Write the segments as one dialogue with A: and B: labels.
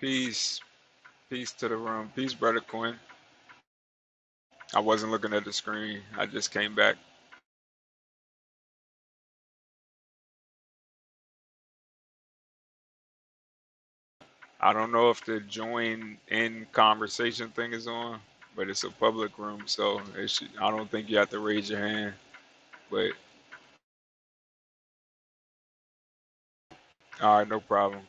A: Peace. Peace to the room. Peace, Brother Quinn. I wasn't looking at the screen. I just came back. I don't know if the join in conversation thing is on, but it's a public room, so it should, I don't think you have to raise your hand. But all right, no problem.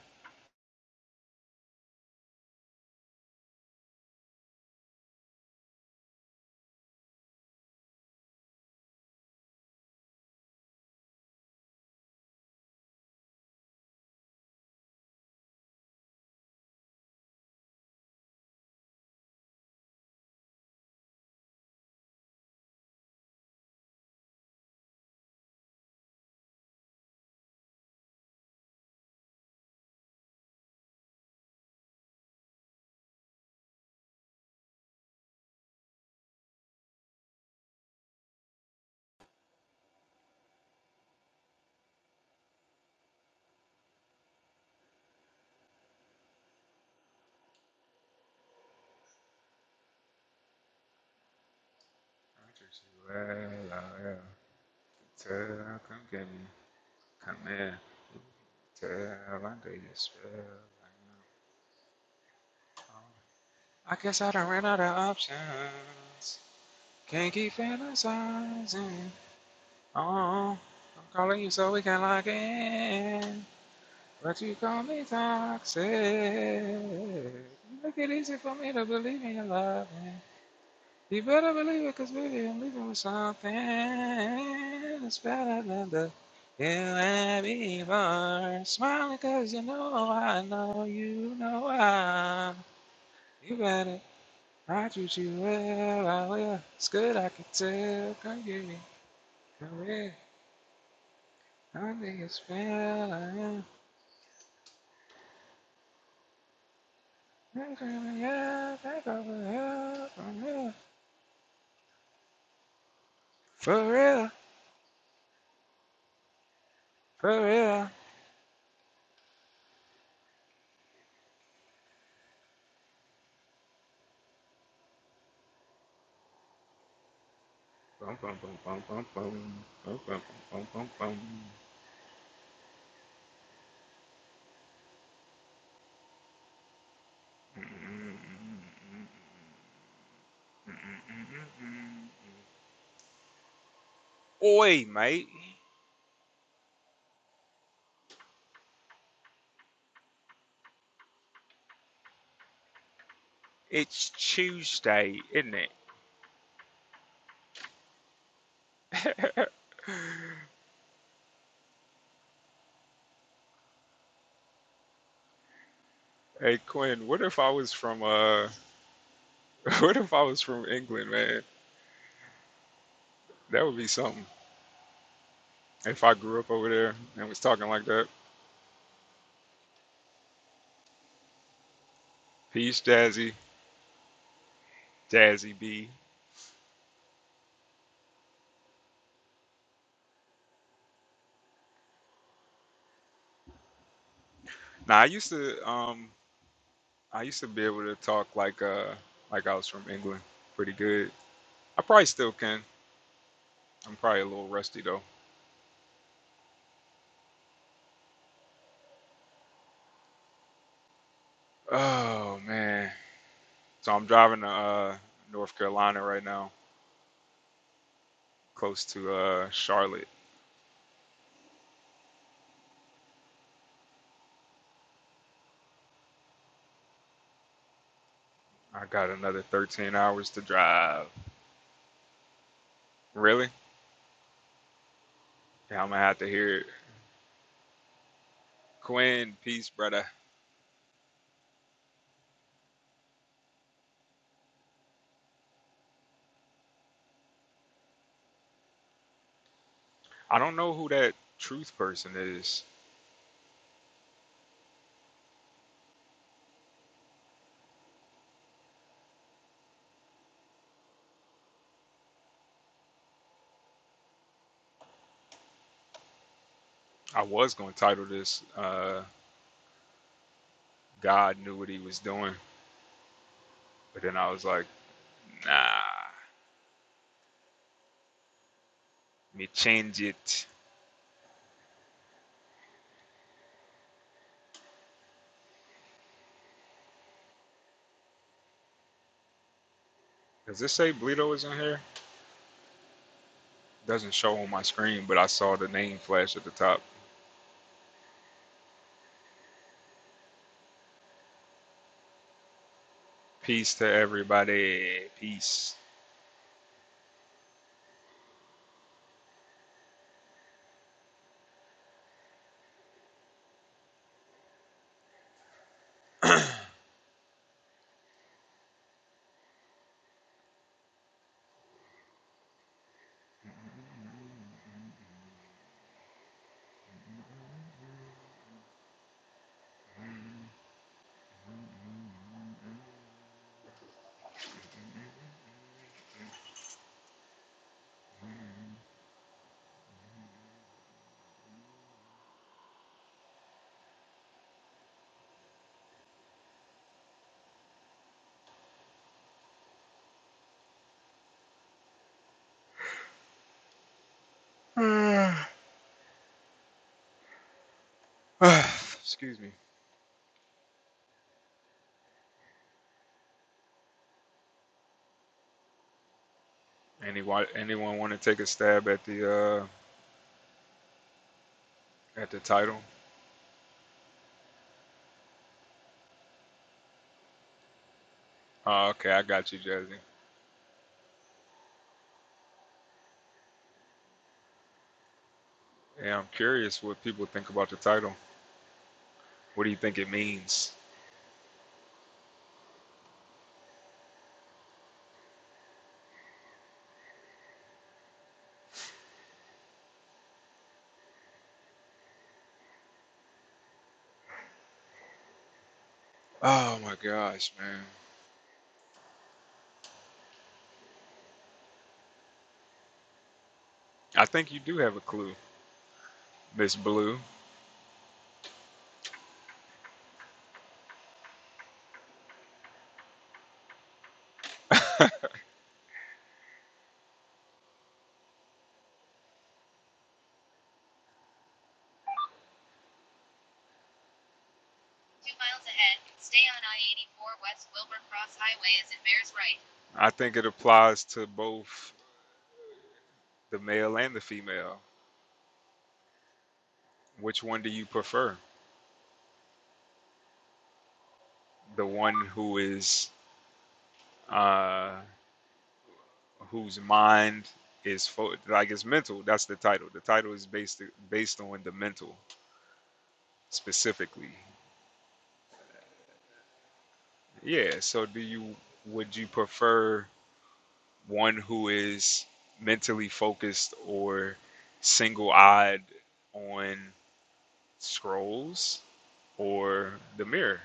A: Well, I am tell, come get me, come in. Tell, I do a spell, I guess I done ran out of options. Can't keep fantasizing. Oh, I'm calling you so we can lock in. But you call me toxic. You make it easy for me to believe in your love. You better believe it, cause baby, I'm leaving with something. It's better than the you and me are. Smiling cause you know I know you know I. You better. I treat you well, I will. It's good, I can tell. Come give me, come here. I think it's fair. I am. For real, for real. Bum, bum, bum, bum, bum, bum. Bum, bum, bum, bum, bum, bum. Oi, mate. It's Tuesday, isn't it? hey, Quinn, what if I was from, uh, what if I was from England, man? That would be something. If I grew up over there and was talking like that. Peace, Jazzy. Jazzy B. Now I used to. Um, I used to be able to talk like uh like I was from England pretty good. I probably still can. I'm probably a little rusty though. Oh man. So I'm driving to uh North Carolina right now, close to uh Charlotte. I got another 13 hours to drive. Really? Yeah, I'm gonna have to hear it. Quinn, peace, brother. I don't know who that truth person is. I was gonna title this uh God knew what he was doing, but then I was like, nah, me change it. Does this say Bleedo is in here? Doesn't show on my screen, but I saw the name flash at the top. Peace to everybody. Peace. Excuse me. Anyone anyone want to take a stab at the uh at the title? Oh, okay, I got you, Jazzy. Yeah, I'm curious what people think about the title. What do you think it means? Oh my gosh, man. I think you do have a clue, Miss Blue. Two miles ahead, stay on I 84 West Wilbur Cross Highway as it bears right. I think it applies to both the male and the female. Which one do you prefer? The one who is uh whose mind is fo- like it's mental. That's the title. The title is based based on the mental specifically. Yeah, so do you would you prefer one who is mentally focused or single-eyed on Scrolls, or the mirror.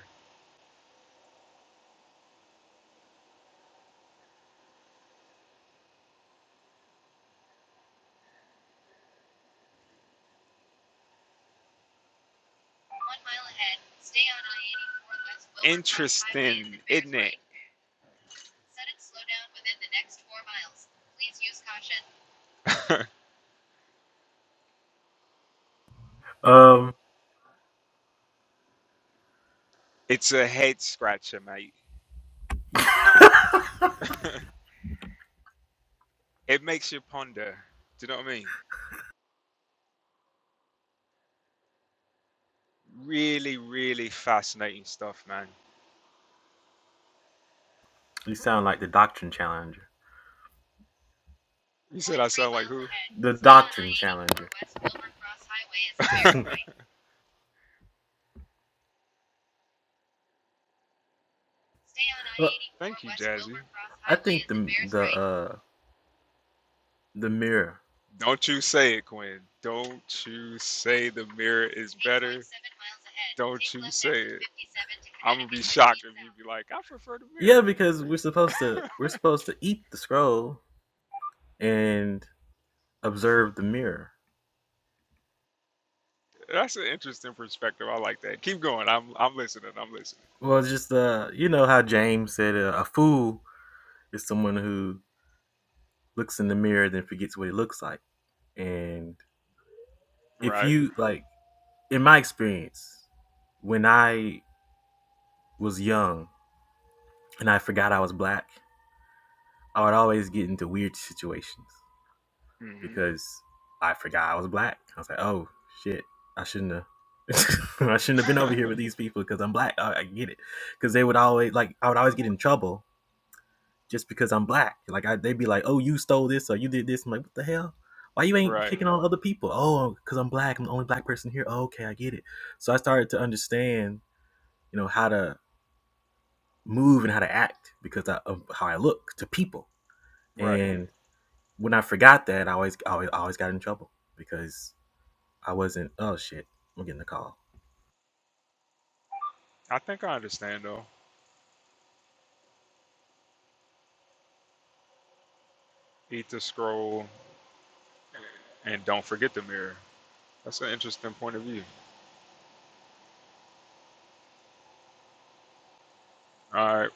A: One mile ahead, stay on I-84 west Interesting, isn't it? right. Set and slow down within the next four miles. Please use caution.
B: Um,
A: it's a head scratcher, mate. it makes you ponder. Do you know what I mean? Really, really fascinating stuff, man.
B: you sound like the Doctrine Challenger.
A: You said I sound like who? ahead,
B: The
A: stay on
B: Doctrine
A: I-84
B: Challenger.
A: west Wilbur Cross Highway as it bears right. Stay on
B: Well,
A: I-84 Thank you, west Jazzy. Wilbur Cross
B: I
A: Highway
B: think
A: as it
B: the
A: bears
B: the
A: right.
B: uh the mirror.
A: Don't you say it, Quinn. Don't you say the mirror is better. Don't you say it. I'm gonna be shocked if you be like, I prefer the
B: Yeah,
A: mirror.
B: because we're supposed to we're supposed to eat the scroll and observe the mirror.
A: That's an interesting perspective. I like that. Keep going. I'm I'm listening. I'm listening.
B: Well, it's just uh, you know how James said uh, a fool is someone who looks in the mirror then forgets what he looks like. And if
A: Right.
B: you like, in my experience, when I was young and I forgot I was black, I would always get into weird situations
A: hmm
B: because I forgot I was black. I was like, oh shit, I shouldn't have. I shouldn't have been over here with these people because I'm black. I, I get it, because they would always like I would always get in trouble just because I'm black. Like I, they'd be like, "Oh, you stole this or you did this." I'm like, "What the hell? Why you ain't
A: Right.
B: picking on other people?" Oh, because I'm black. I'm the only black person here. Oh, okay, I get it. So I started to understand, you know, how to move and how to act because of how I look to people.
A: Right.
B: and. when I forgot that, I always, always, always got in trouble because I wasn't. Oh shit, I'm getting a call.
A: I think I understand though. Eat the scroll and don't forget the mirror. That's an interesting point of view. All right.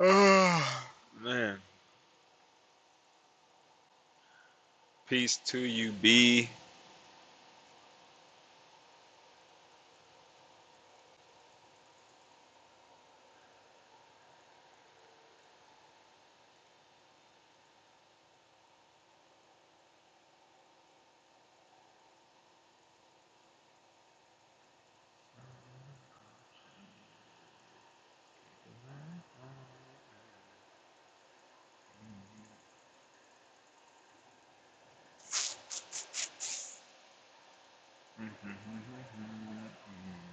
A: Oh, man. Peace to you, B.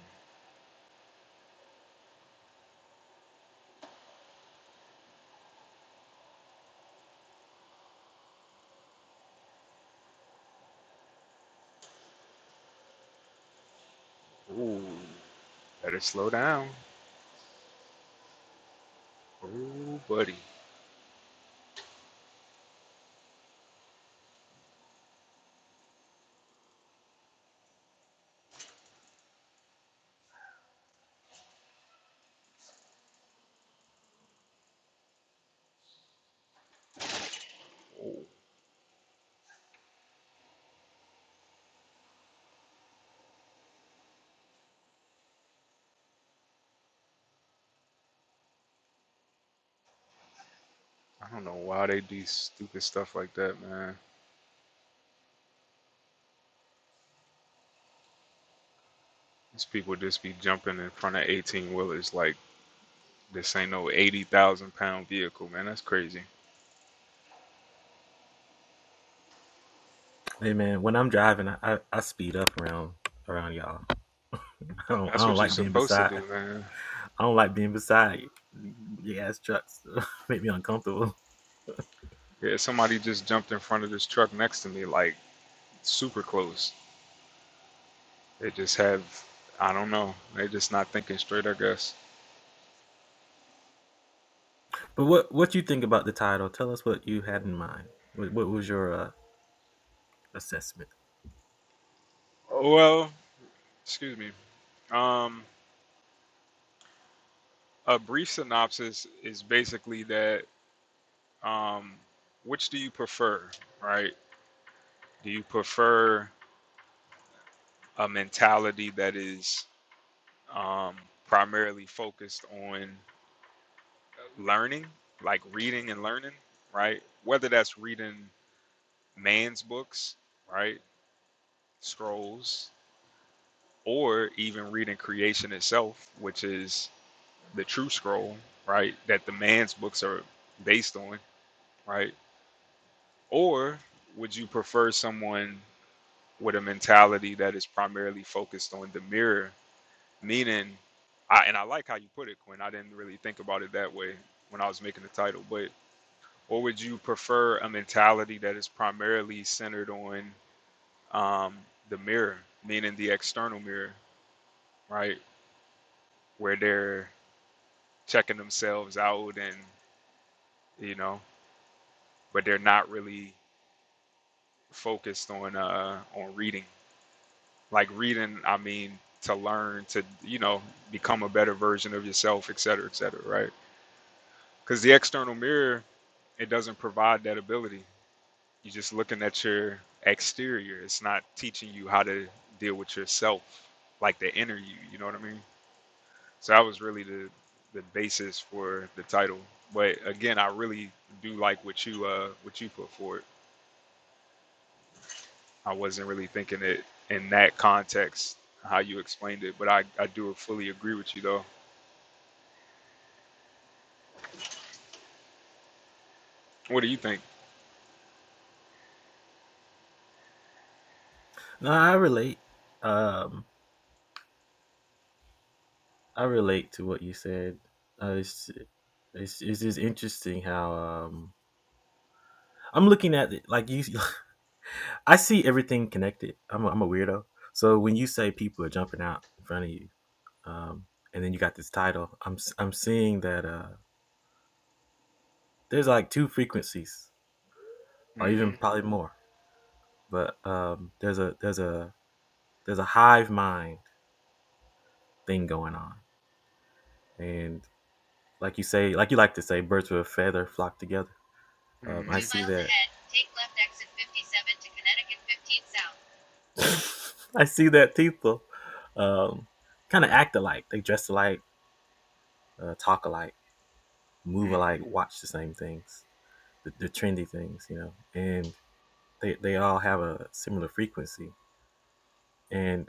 A: Ooh, better slow down. Ooh, buddy. I don't know why they do stupid stuff like that, man. These people just be jumping in front of 18 wheelers like this ain't no 80,000 pound vehicle, man. That's crazy.
B: Hey man, when I'm driving, I, I, I speed up around around y'all. I don't, I
A: That's
B: don't
A: what you're
B: like being
A: supposed to
B: beside.
A: do, man.
B: I don't like being beside the ass trucks. Make me uncomfortable.
A: Yeah, somebody just jumped in front of this truck next to me, like super close. They just have, I don't know, they just not thinking straight, I guess.
B: But what what you think about the title? Tell us what you had in mind. What, what was your uh, assessment?
A: Oh, Well, excuse me. Um, a brief synopsis is basically that um, which do you prefer, right? Do you prefer a mentality that is um, primarily focused on learning, like reading and learning, right? Whether that's reading man's books, right? Scrolls, or even reading creation itself, which is the true scroll, right? That the man's books are based on, right? Or would you prefer someone with a mentality that is primarily focused on the mirror, meaning, I, and I like how you put it, Quinn. I didn't really think about it that way when I was making the title, but or would you prefer a mentality that is primarily centered on um, the mirror, meaning the external mirror, right? Where they're checking themselves out and, you know, but they're not really focused on uh, on reading Like reading, I mean, to learn, to, you know, become a better version of yourself, et cetera, et cetera, right? Because the external mirror, it doesn't provide that ability. You're just looking at your exterior. It's not teaching you how to deal with yourself, like the inner you. You know what I mean? So that was really the the basis for the title. But again, I really do like what you uh what you put forward. I wasn't really thinking it in that context how you explained it, but I I do fully agree with you though. What do you think?
B: No, I relate. Um, I relate to what you said. Uh, it's, it's it's just interesting how um I'm looking at it like you I see everything connected. I'm a, I'm a weirdo. So when you say people are jumping out in front of you, um, and then you got this title, I'm i I'm seeing that uh, there's like two frequencies, or even
A: hmm
B: probably more. But um, there's a there's a there's a hive mind thing going on, and like you say, like you like to say, birds with a feather flock together. Um,
A: hmm
B: I
A: Two
B: see
A: miles
B: that.
A: ahead, take left exit 57 to Connecticut 15 south.
B: I see that people um, kind of act alike. They dress alike, uh, talk alike, move
A: mm hmm
B: alike, watch the same things the, the trendy things, you know, and they they all have a similar frequency. And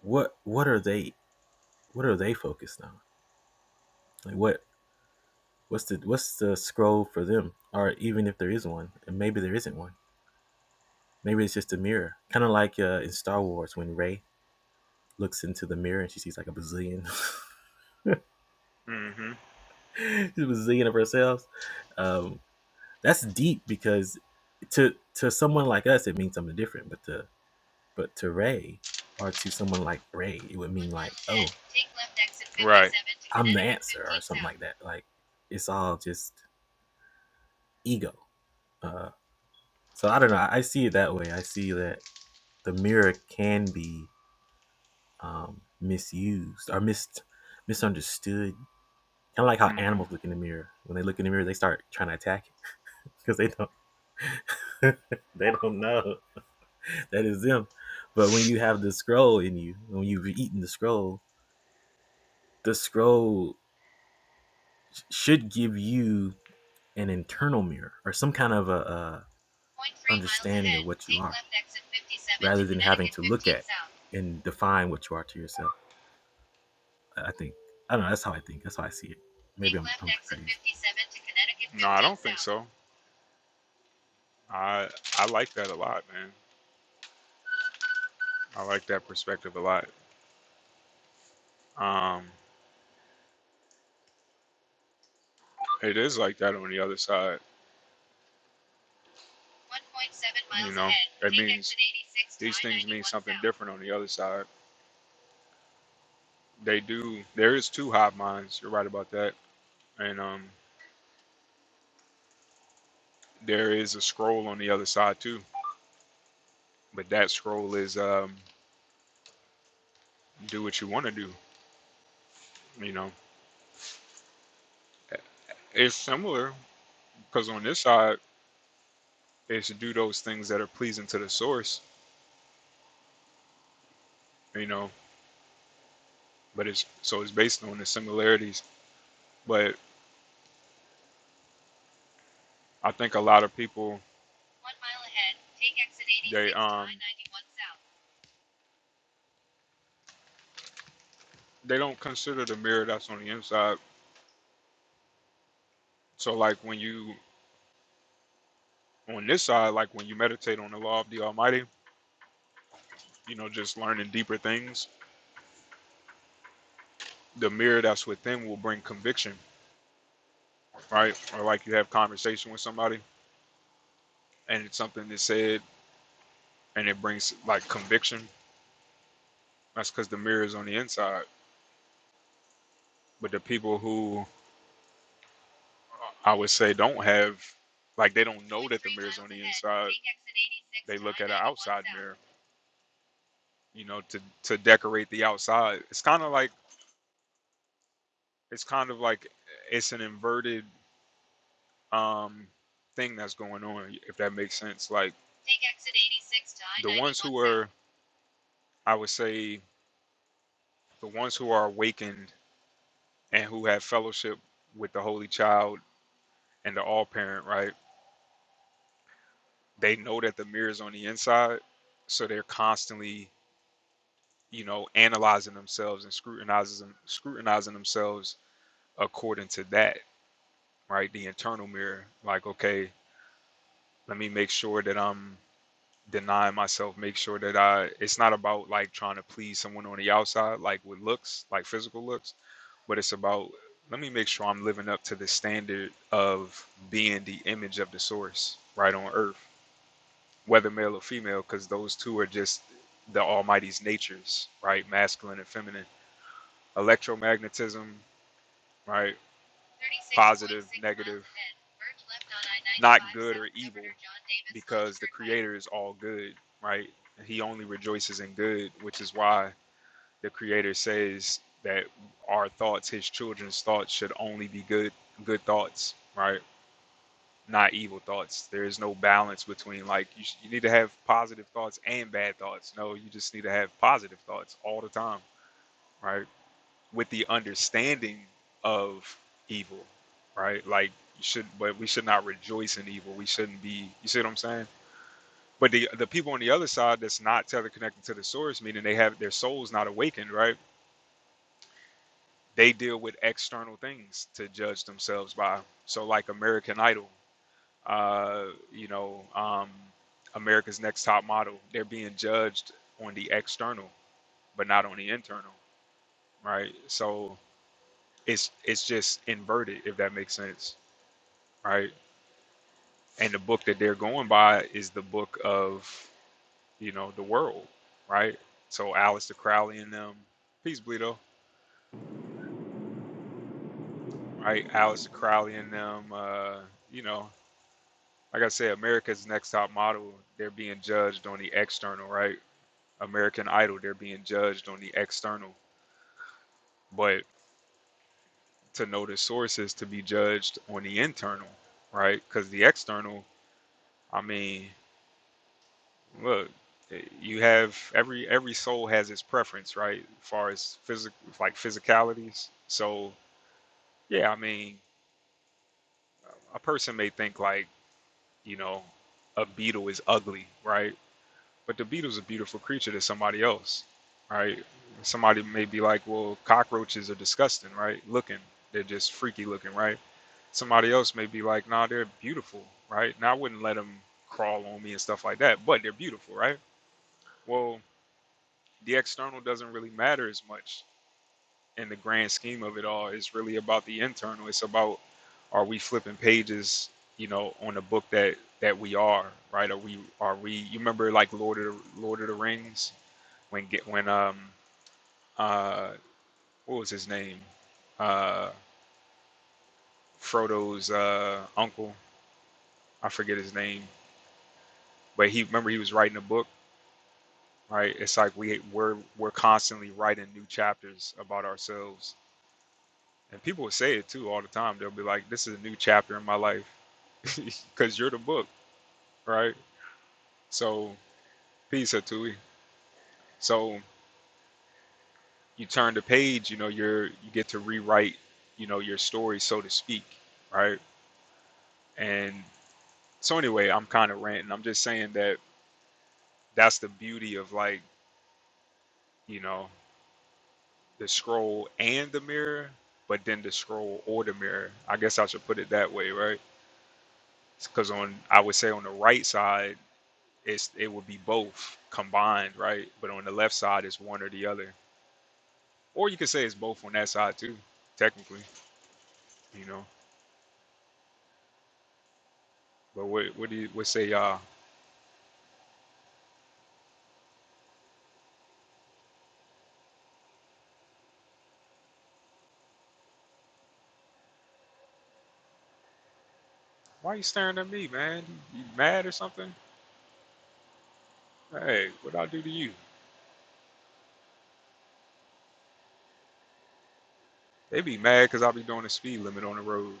B: what what are they what are they focused on? Like what what's the what's the scroll for them? Or even if there is one, and maybe there isn't one. Maybe it's just a mirror, kind of like uh, in Star Wars when Ray looks into the mirror and she sees like a bazillion,
A: mm hmm
B: a bazillion of herself. Um, that's deep because to to someone like us it means something different, but to But to Ray or to someone like Ray, it would mean
A: One
B: like,
A: mile ahead,
B: oh,
A: take left exit 57 Right. to
B: I'm the
A: Connecticut
B: answer
A: 15
B: or something
A: south.
B: like that. Like it's all just ego. Uh, so I don't know. I, see it that way. I see that the mirror can be um, misused or mis misunderstood. Kind of like how
A: Mm-hmm. hmm
B: animals look in the mirror. When they look in the mirror, they start trying to attack it because they don't they don't know that is them. But when you have the scroll in you, when you've eaten the scroll, the scroll should give you an internal mirror or some kind of a, a
A: Point three miles
B: understanding
A: ahead,
B: of what you
A: take
B: are
A: left exit 57 to
B: rather than having
A: Connecticut
B: to look
A: 15
B: at
A: south.
B: and define what you are to yourself i I think i don't know that's how i think that's how i see it maybe
A: Take
B: i'm,
A: left
B: I'm
A: exit
B: crazy
A: 57 to Connecticut 15 south. No, I don't south. think so. I I like that a lot, man. I like that perspective a lot. Um, it is like that on the other side. You know, that means these things mean something different on the other side. They do. There is two hive minds. You're right about that. And um, there is a scroll on the other side too. But that scroll is um, do what you want to do. You know, it's similar because on this side it's to do those things that are pleasing to the source. You know, but it's so it's based on the similarities. But I think a lot of people they um they don't consider the mirror that's on the inside. So like when you on this side, like when you meditate on the law of the Almighty, you know, just learning deeper things, the mirror that's within will bring conviction, right? Or like you have conversation with somebody and it's something that's said and it brings like conviction. That's because the mirror is on the inside. But the people who I would say don't have like they don't know that the mirror is on the inside. They look at an outside mirror, you know, to to decorate the outside. It's kind of like it's kind of like it's an inverted um thing that's going on if that makes sense like Take exit 86 the ones who are i would say the ones who are awakened and who have fellowship with the holy child and the all parent right they know that the mirror is on the inside so they're constantly you know analyzing themselves and scrutinizing them, scrutinizing themselves according to that right the internal mirror like okay let me make sure that i'm deny myself, make sure that I it's not about like trying to please someone on the outside, like with looks, like physical looks, but it's about let me make sure I'm living up to the standard of being the image of the source right on earth, whether male or female, because those two are just the Almighty's natures, right? Masculine and feminine. Electromagnetism, right? positive, negative, not good or evil, because the Creator is all good, right? He only rejoices in good, which is why the Creator says that our thoughts, His children's thoughts, should only be good, good thoughts, right? Not evil thoughts. There is no balance between like you, sh- you need to have positive thoughts and bad thoughts. No, you just need to have positive thoughts all the time, right? with the understanding of evil, right? Like you should, but we should not rejoice in evil. We shouldn't be. You see what I'm saying? But the the people on the other side that's not teleconnected to the source, meaning they have their souls not awakened, right? They deal with external things to judge themselves by. So like American Idol, uh, you know, um, America's Next Top Model, they're being judged on the external, but not on the internal, right? So it's it's just inverted, if that makes sense. right? And the book that they're going by is the book of, you know, the world, right? So Aleister Crowley and them, peace, Bleedo, right? Aleister Crowley and them, uh, you know, like I said, America's Next Top Model, they're being judged on the external, right? American Idol, they're being judged on the external. But to know the sources to be judged on the internal, right? Because the external, I mean, Well, you have every every soul has its preference, right? As far as physic like physicalities. So yeah, I mean, a person may think like you know a beetle is ugly, right? But the beetle's a beautiful creature to somebody else, right? Somebody may be like, well, cockroaches are disgusting, right? Looking, they're just freaky looking, right? Somebody else may be like, nah, they're beautiful, right? Now I wouldn't let them crawl on me and stuff like that, but they're beautiful, right? Well. the external doesn't really matter as much in the grand scheme of it all. It's really about the internal. It's about are we flipping pages, you know, on the book that that we are, right? Are we are we you remember like Lord of the Lord of the Rings when get when um uh what was his name? Uh Frodo's uh uncle, I forget his name, but he remember he was writing a book, right? It's like we we're we're constantly writing new chapters about ourselves And people will say it too all the time. They'll be like, "This is a new chapter in my life," because you're the book, right? So, peace, Hatui. So you turn the page. You know, you're you get to rewrite, you know, your story, so to speak, right? And so anyway, I'm kind of ranting. I'm just saying that that's the beauty of like, you know, the scroll and the mirror, but then the scroll or the mirror. I guess I should put it that way, right? Because on I would say on the right side it's it would be both combined, right? But on the left side, it's one or the other, or you could say it's both on that side too, technically, you know. But what what do you, what say y'all? Why you staring at me, man? You, mad or something? Hey, what I do to you? They be mad because I be doing the speed limit on the road.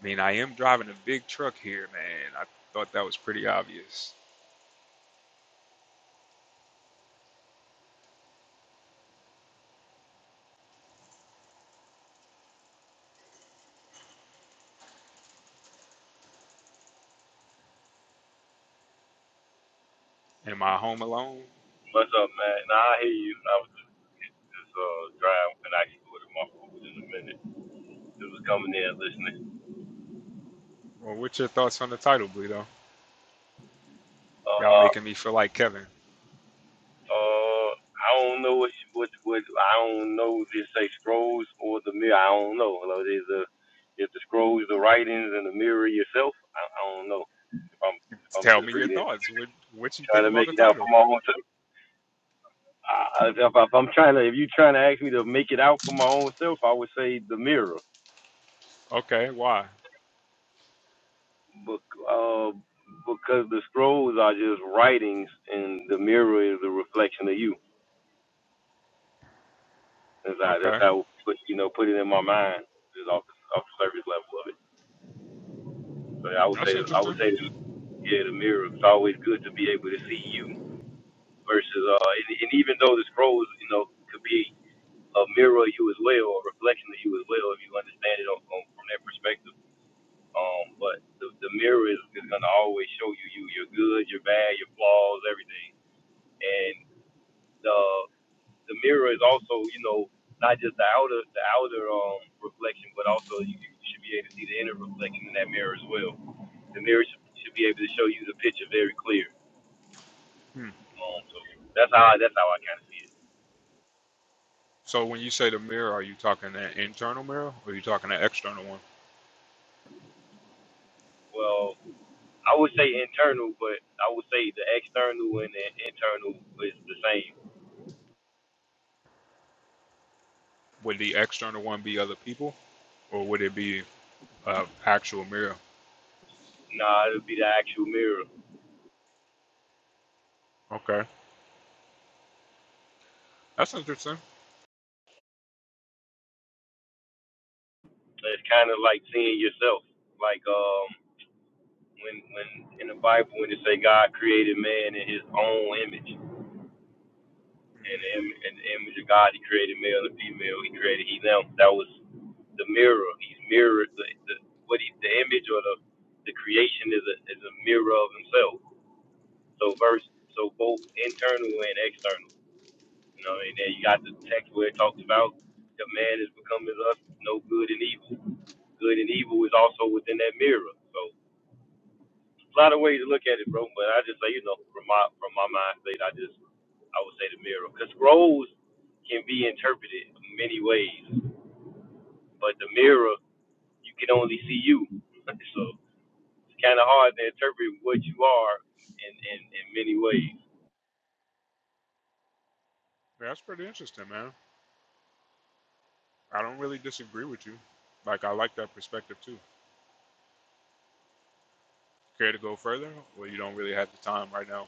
A: I mean, I am driving a big truck here, man. I thought that was pretty obvious. Am I home alone?
C: What's up, man? Nah, I hear you. I was just, just uh driving and actually ordered my food in a minute. It was coming in listening.
A: Well, what's your thoughts on the title, Bleedo?
C: Uh,
A: Y'all
C: uh,
A: making me feel like Kevin.
C: uh, I don't know what you- what what I don't know. Just say scrolls or the mirror. I don't know. Hello, there's a if the scrolls, the writings, and the mirror yourself. I, I don't know. If I'm if I'm
A: Tell me
C: just
A: your
C: reading,
A: thoughts. What what you think
C: trying to
A: about
C: make
A: the
C: it out
A: title?
C: for my own self. I, I- if, I- if I'm trying to, if you're trying to ask me to make it out for my own self, I would say the mirror.
A: Okay, why?
C: Bec- uh, because the scrolls are just writings, and the mirror is a reflection of you. That's how that's
A: Okay,
C: how put you know put it in my mind, just off the, off the surface level of it. So I would
A: that's
C: say I
A: interesting.
C: would say yeah, the mirror. It's always good to be able to see you versus uh, and, and even though the scrolls you know could be a mirror of you as well, or a reflection of you as well, if you understand it on, on, from that perspective. Um, but the, the mirror is, is gonna always show you you, your good, your bad, your flaws, everything and the the mirror is also you know not just the outer the outer um reflection, but also you, you should be able to see the inner reflection in that mirror as well. The mirror should, should be able to show you the picture very clear.
A: Hmm.
C: Um, so that's how I, that's how I kind of see it.
A: So when you say the mirror, are you talking an internal mirror or are you talking an external one?
C: Well, I would say internal, but I would say the external and the internal is the same.
A: Would the external one be other people or would it be an actual mirror?
C: Nah, it'll be the actual mirror.
A: Okay, that's interesting.
C: It's kind of like seeing yourself. Like um, when when in the Bible when it say God created man in His own image and
A: hmm
C: the, im- and the image of God, He created male and female. He created He them. That was the mirror. He's mirrored the, the what he, the image or the the creation is a is a mirror of Himself. So verse so both internal and external. You know, and then you got the text where it talks about the man has become as us, no good and evil. Good and evil is also within that mirror. So a lot of ways to look at it, bro. But I just say, you know, from my from my mind state, I just I would say the mirror, because roles can be interpreted many ways, but the mirror you can only see you, so it's kind of hard to interpret what you are in in, in many ways.
A: That's pretty interesting, man. I don't really disagree with you. Like, I like that perspective too. Care to go further or you don't really have the time right now?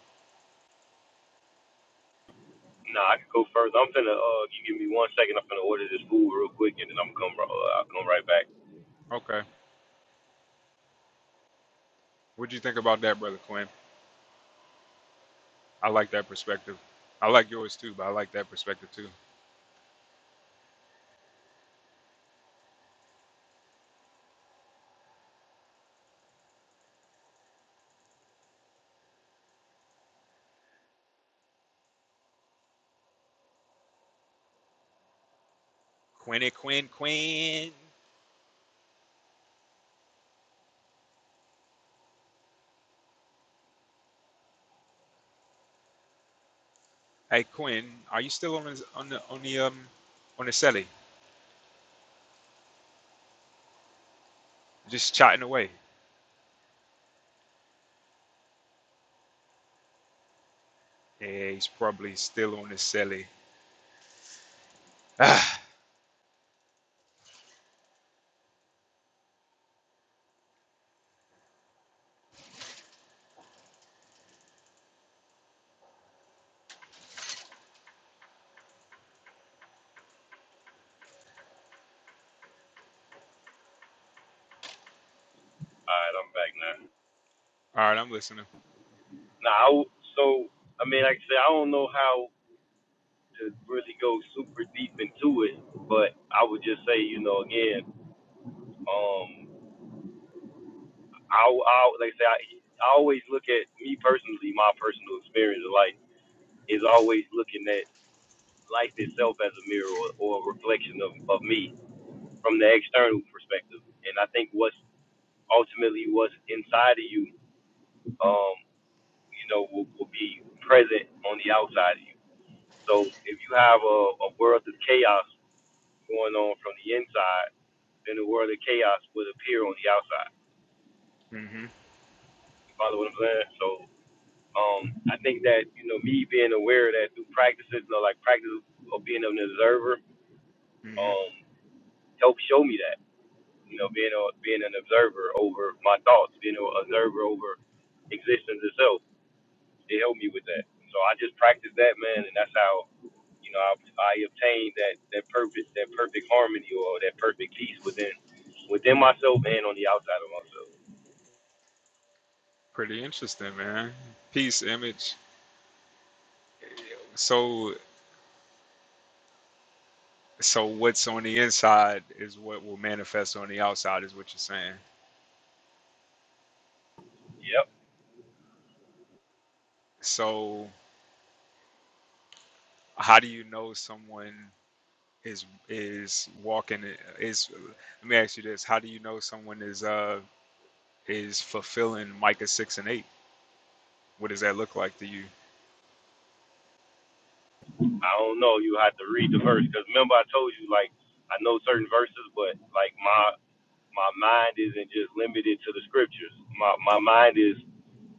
C: Nah, I could go further. I'm finna uh, you give me one second. I'm finna order this food real quick, and then I'm gonna come. ri- Uh, I'll come right back.
A: Okay. What do you think about that, Brother Quinn? I like that perspective. I like yours too, but I like that perspective too. Quinny Quinn Quinn. Hey Quinn, are you still on the on the on the um on the celly? Just chatting away. Yeah, he's probably still on the celly.
C: All right, I'm back now.
A: Ah, all right, I'm listening.
C: Nah, I w so I mean, like I said, I don't know how. to really go super deep into it, but I would just say, you know, again, um, I, I like I say, I, I always look at me personally, my personal experience of life is always looking at life itself as a mirror or, or a reflection of, of me from the external perspective, and I think what's ultimately what's inside of you, um, you know, will, will be present on the outside of you. So if you have a, a world of chaos going on from the inside, then the world of chaos would appear on the outside.
A: Mhm,
C: You follow what I'm saying? So um, I think that you know me being aware of that through practices, you know, like practice of being an observer,
A: mhm.
C: um, helped show me that. You know, being a, being an observer over my thoughts, being an observer over existence itself. It helped me with that. So I just practiced that, man, and that's how you know I, I obtained that that perfect that perfect harmony or that perfect peace within within myself and on the outside of myself.
A: Pretty interesting, man. Peace, image. So, so what's on the inside is what will manifest on the outside, is what you're saying.
C: Yep.
A: So, how do you know someone is is walking? Is let me ask you this: How do you know someone is uh is fulfilling Micah six and eight? What does that look like to you?
C: I don't know. You have to read the verse because remember I told you like I know certain verses, but like my my mind isn't just limited to the scriptures. My my mind is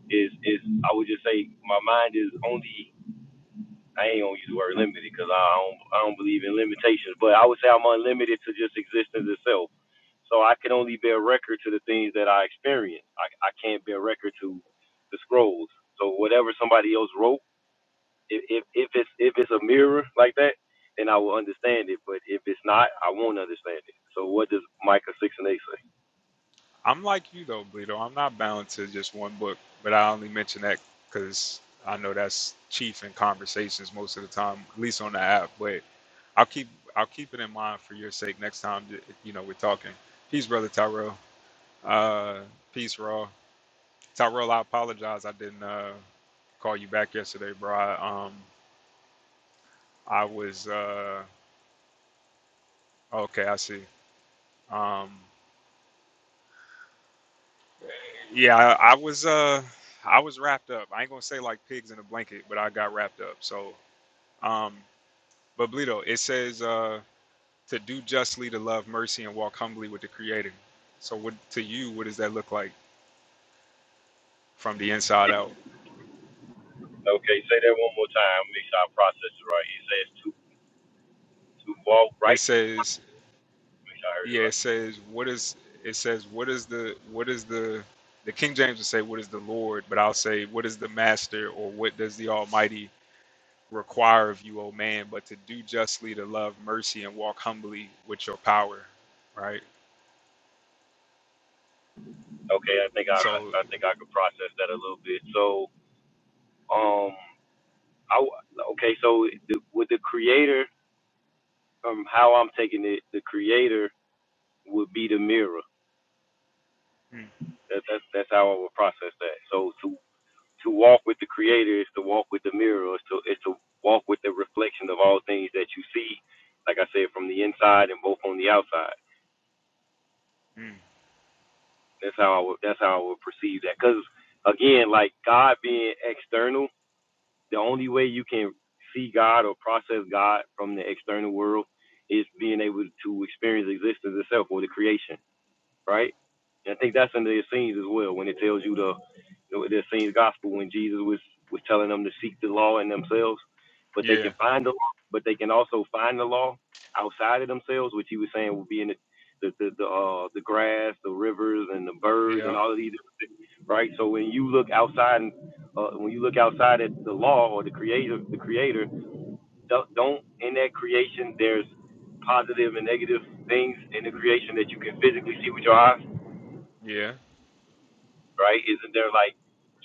C: is is I would just say my mind is only I ain't gonna use the word limited because I don't I don't believe in limitations, but I would say I'm unlimited to just existence itself. So I can only bear record to the things that I experience. I I can't bear record to the scrolls. So whatever somebody else wrote, if if, if it's if it's a mirror like that, then I will understand it. But if it's not, I won't understand it. So what does Micah six and eight say?
A: I'm like you though, Bleedo. I'm not bound to just one book, but I only mention that because I know that's chief in conversations most of the time, at least on the app. But I'll keep I'll keep it in mind for your sake next time. that, You know, we're talking. Peace, brother Tyrell. Uh, peace, Raw. Tyrell, I apologize. I didn't uh, call you back yesterday, bro. I, um, I was uh, okay. I see. Um, Yeah, I, I was uh I was wrapped up. I ain't gonna say like pigs in a blanket, but I got wrapped up. So um but Bleedo, it says uh to do justly, to love mercy and walk humbly with the creator. So what to you, what does that look like from the inside out?
C: Okay, say that one more time. Make sure I process it right. It says to to walk
A: It
C: righteous.
A: says
C: Make sure I heard it
A: yeah,
C: right.
A: it says what is it says what is the what is the the King James would say what is the Lord, but I'll say what is the master or what does the Almighty require of you, O man, but to do justly, to love mercy, and walk humbly with your power. Right?
C: Okay, I think I
A: So,
C: I think I could process that a little bit. So, um, I w- okay. So, the, with the creator, um, how I'm taking it, the creator would be the mirror.
A: mm,
C: That, that's that's how I would process that. So to to walk with the creator is to walk with the mirror. Is to is to walk with the reflection of all things that you see. Like I said, from the inside and both on the outside.
A: mm,
C: That's how I would that's how I would perceive that. Because again, like God being external the only way you can see God or process God from the external world is being able to experience existence itself or the creation right? And I think that's under the scenes as well when it tells you the the, the scenes gospel when Jesus was was telling them to seek the law in themselves, but they
A: yeah,
C: can find the law, but they can also find the law outside of themselves, which he was saying would be in the the the, the uh the grass, the rivers, and the birds, and
A: yeah,
C: all of these, different things, right? So when you look outside, uh, when you look outside at the law or the creator, the creator, don't, don't in that creation there's positive and negative things in the creation that you can physically see with your eyes
A: yeah,
C: right? Isn't there like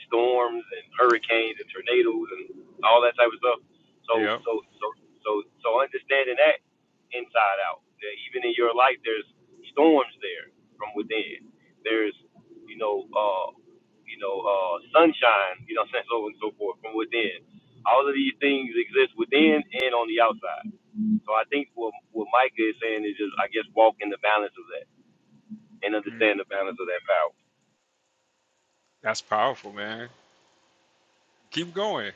C: storms and hurricanes and tornadoes and all that type of stuff? So
A: yeah.
C: so so so so understanding that inside out, that even in your life, there's storms there from within. There's you know uh you know uh sunshine, you know what so on and so forth from within. All of these things exist within and on the outside. So I think what what Micah is saying is just I guess walk in the balance of that and
A: Mm,
C: understand the balance of that power.
A: that's powerful, man. Keep going.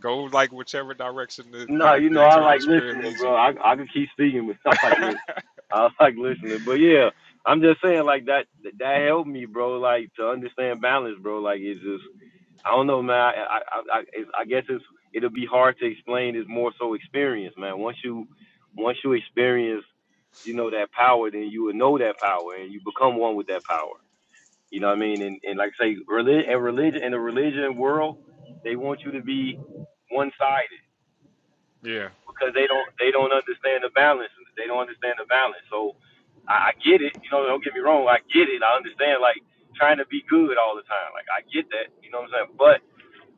A: Go like whichever direction the, the,
C: No, you know,
A: the
C: I
A: eternal
C: like
A: spirit
C: listening,
A: leads you.
C: bro. I I could keep speaking, but I like listening. I like listening, but yeah, I'm just saying like that that helped me, bro. Like to understand balance, bro. Like it's just I don't know, man. I I I, I, it's, I guess it's it'll be hard to explain. It's more so experience, man. Once you once you experience, you know that power, then you will know that power, and you become one with that power. You know what I mean? And and like I say religion and religion in the religion world, they want you to be one sided
A: Yeah.
C: because they don't they don't understand the balance. They don't understand the balance. So I, I get it. You know, don't get me wrong. I get it. I understand like trying to be good all the time. Like I get that. You know what I'm saying? But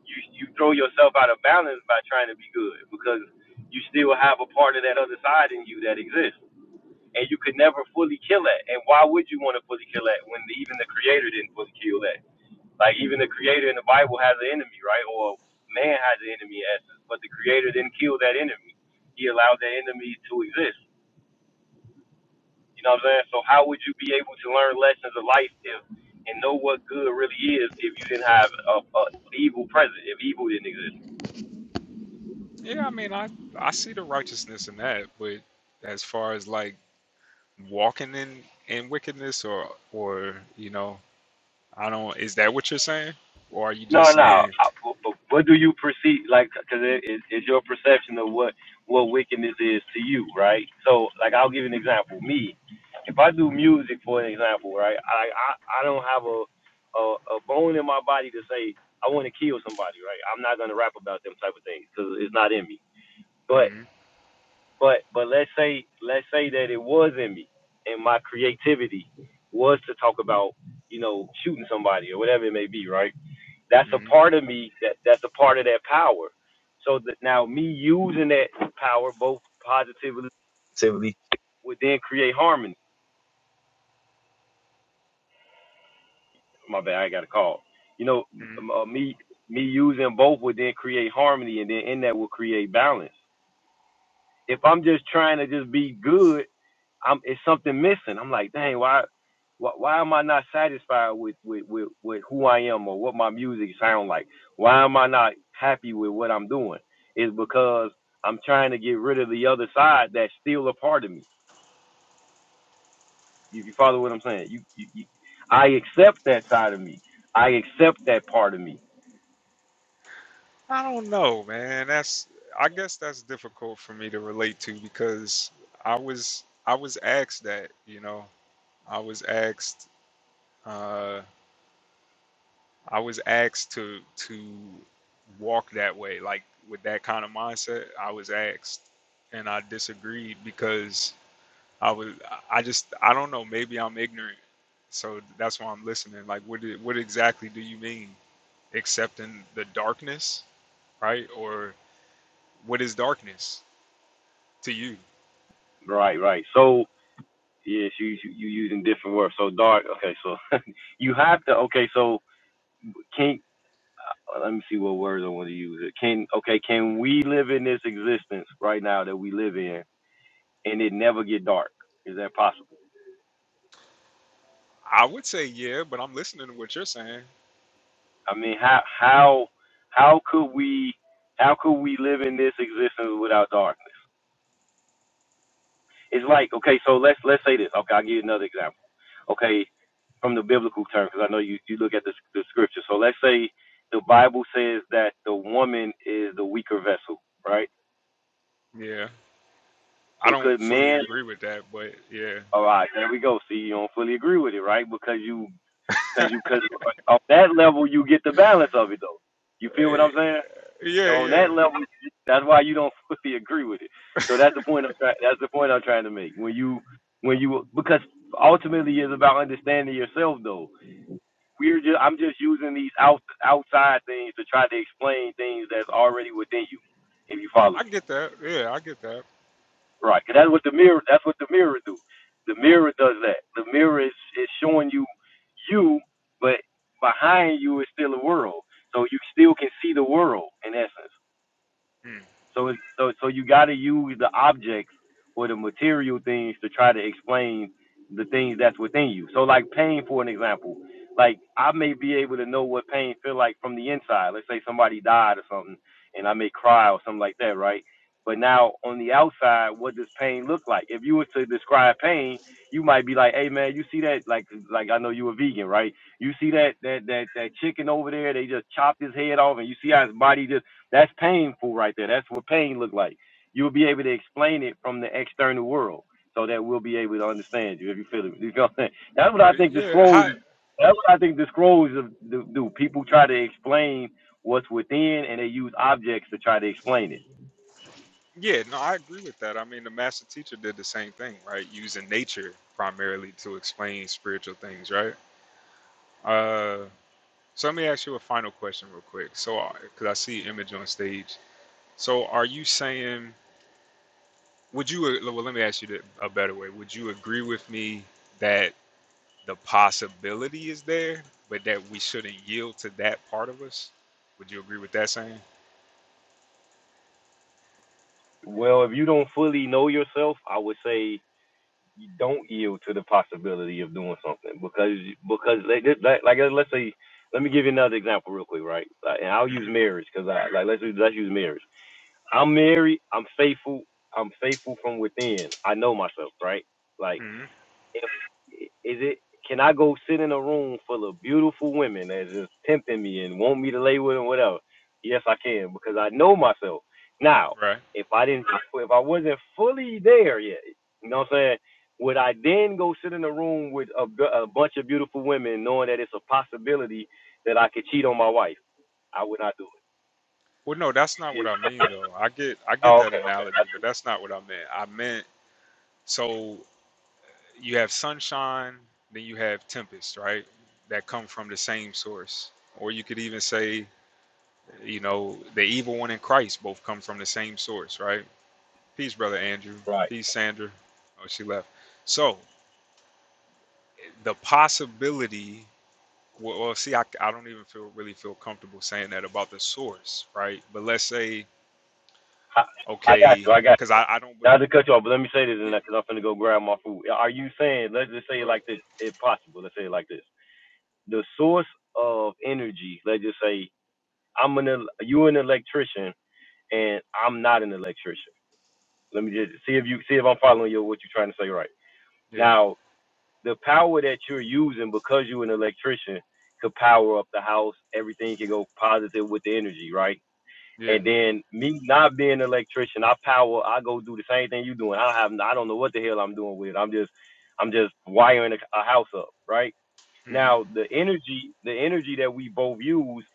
C: you you throw yourself out of balance by trying to be good because you still have a part of that other side in you that exists and you could never fully kill that. And why would you want to fully kill that when the, even the creator didn't fully kill that? Like even the creator in the Bible has an enemy, right? Or man has an enemy in essence, but the creator didn't kill that enemy. He allowed that enemy to exist. You know what I'm saying? So how would you be able to learn lessons of life if and know what good really is if you didn't have a, a evil present, if evil didn't exist?
A: Yeah, I mean, I, I see the righteousness in that, but as far as like walking in, in wickedness or, or, you know, I don't, is that what you're saying? Or are you just
C: No, no.
A: saying,
C: I- But but what do you perceive? Like, because it, it, it's your perception of what what wickedness is to you, right? So, like, I'll give you an example. Me, if I do music, for an example, right? I I, I don't have a, a a bone in my body to say I want to kill somebody, right? I'm not gonna rap about them type of things because it's not in me. But
A: mm,
C: but but let's say let's say that it was in me, and my creativity was to talk about you know shooting somebody or whatever it may be, right? That's a
A: Mm-hmm.
C: part of me that that's a part of that power. So that now me using that power both positively positively would then create harmony. My bad, I got a call. You know, m- uh, me me using both would then create harmony, and then in that will create balance. If I'm just trying to just be good I'm it's something missing. I'm like, dang, why, why, why am I not satisfied with, with with with who I am or what my music sound like? Why am I not happy with what I'm doing? It's because I'm trying to get rid of the other side that's still a part of me. If you follow what I'm saying, you, you, you I accept that side of me. I accept that part of me.
A: I don't know, man. That's I guess that's difficult for me to relate to because I was I was asked that, you know. I was asked uh I was asked to to walk that way, like with that kind of mindset. I was asked and I disagreed because I was I just I don't know, maybe I'm ignorant. So that's why I'm listening. Like what did, what exactly do you mean? Accepting the darkness, right? Or What is darkness to you?
C: Right, right. So yes, you you you using different words. So dark. Okay, so you have to. Okay, so can uh, let me see what words I want to use. Can okay, can we live in this existence right now that we live in and it never get dark? Is that possible?
A: I would say yeah, but I'm listening to what you're saying.
C: I mean, how how how could we how could we live in this existence without darkness? It's like okay, so let's let's say this. Okay, I'll give you another example. Okay, from the biblical term, because I know you you look at the the scripture. So let's say the Bible says that the woman is the weaker vessel, right?
A: Yeah, I
C: So
A: don't
C: could
A: fully
C: man
A: agree with that, but yeah,
C: all right, there we go. See, you don't fully agree with it, right? Because you Cause you, cause on that level you get the balance of it though. You feel what
A: Eh,
C: I'm saying?
A: yeah,
C: on
A: yeah.
C: that level, that's why you don't fully agree with it. So that's the point I'm trying. That's the point I'm trying to make. When you, when you, because ultimately it's about understanding yourself though. We're just, I'm just using these out outside things to try to explain things that's already within you. If you follow
A: I
C: me.
A: get that. Yeah, I get that.
C: Right, 'cause that's what the mirror. That's what the mirror do. The mirror does that. The mirror is, is showing you you, but behind you is still a world. So you still can see the world in essence.
A: Mm,
C: So it's so so you got to use the objects or the material things to try to explain the things that's within you. So like pain, for an example, like I may be able to know what pain feel like from the inside. Let's say somebody died or something, and I may cry or something like that, right? But now on the outside, what does pain look like? If you were to describe pain, you might be like, "Hey man, you see that? Like, like I know you a vegan, right? You see that
A: mm.
C: that that that chicken over there? They just chopped his head off, and you see how his body just that's painful right there. That's what pain look like. You'll be able to explain it from the external world so that we'll be able to understand you if you feel it. You feel what I'm saying? That's what I
A: Eh,
C: think the
A: Yeah,
C: scrolls
A: how,
C: that's what I think the scrolls do. do. People try to explain what's within and they use objects to try to explain it.
A: yeah. No, I agree with that. I mean, the master teacher did the same thing, right? Using nature primarily to explain spiritual things, right? Uh, so let me ask you a final question real quick. So, because I see Image on stage. So, are you saying? Would you, uh, well, let me ask you th- a better way. Would you agree with me that the possibility is there, but that we shouldn't yield to that part of us? Would you agree with that saying?
C: Well, if you don't fully know yourself, I would say you don't yield to the possibility of doing something because because like like like, like, let's say let me give you another example real quick, right? Like, and I'll
A: hmm
C: use marriage because I like let's let's use marriage I'm married. I'm faithful. I'm faithful from within. I know myself, right? Like,
A: hmm
C: if is it? Can I go sit in a room full of beautiful women that's just tempting me and want me to lay with them, whatever? Yes, I can because I know myself. Now,
A: Right.
C: if I didn't, if I wasn't fully there yet, you know what I'm saying? Would I then go sit in a room with a, bu- a bunch of beautiful women, knowing that it's a possibility that I could cheat on my wife? I would not do
A: Well, no, that's not what
C: it.
A: I mean though. I get I get
C: Oh,
A: that
C: okay, okay,
A: analogy, but that's not what I meant. I meant so you have sunshine, then you have tempest, right? That come from the same source. Or you could even say, you know, the evil one and Christ both come from the same source, right? Peace, brother Andrew.
C: right.
A: Peace, Sandra. Oh, she left. So the possibility. Well, well, see, I, I don't even feel really feel comfortable saying that about the source, right? But let's say,
C: I, I got
A: okay,
C: you. I got
A: because I, I don't. bel-
C: you. Not to cut you off, but let me say this,
A: yeah,
C: because I'm finna go grab my food. Are you saying, let's just say it
A: Good.
C: like this, if possible, let's say it like this. The source of energy, let's just say I'm an, el- you an electrician and I'm not an electrician. Let me just see if you, see if I'm following you, what you're trying to say right. Now, the power that you're using because you're an electrician could power up the house. Everything can go positive with the energy, right?
A: Yeah. Yeah.
C: And then me not being an electrician, I power, I go do the same thing you doing. I have, I don't know what the hell I'm doing with it. I'm just, I'm just wiring a, a house up, right?
A: hmm
C: Now the energy, the energy that we both use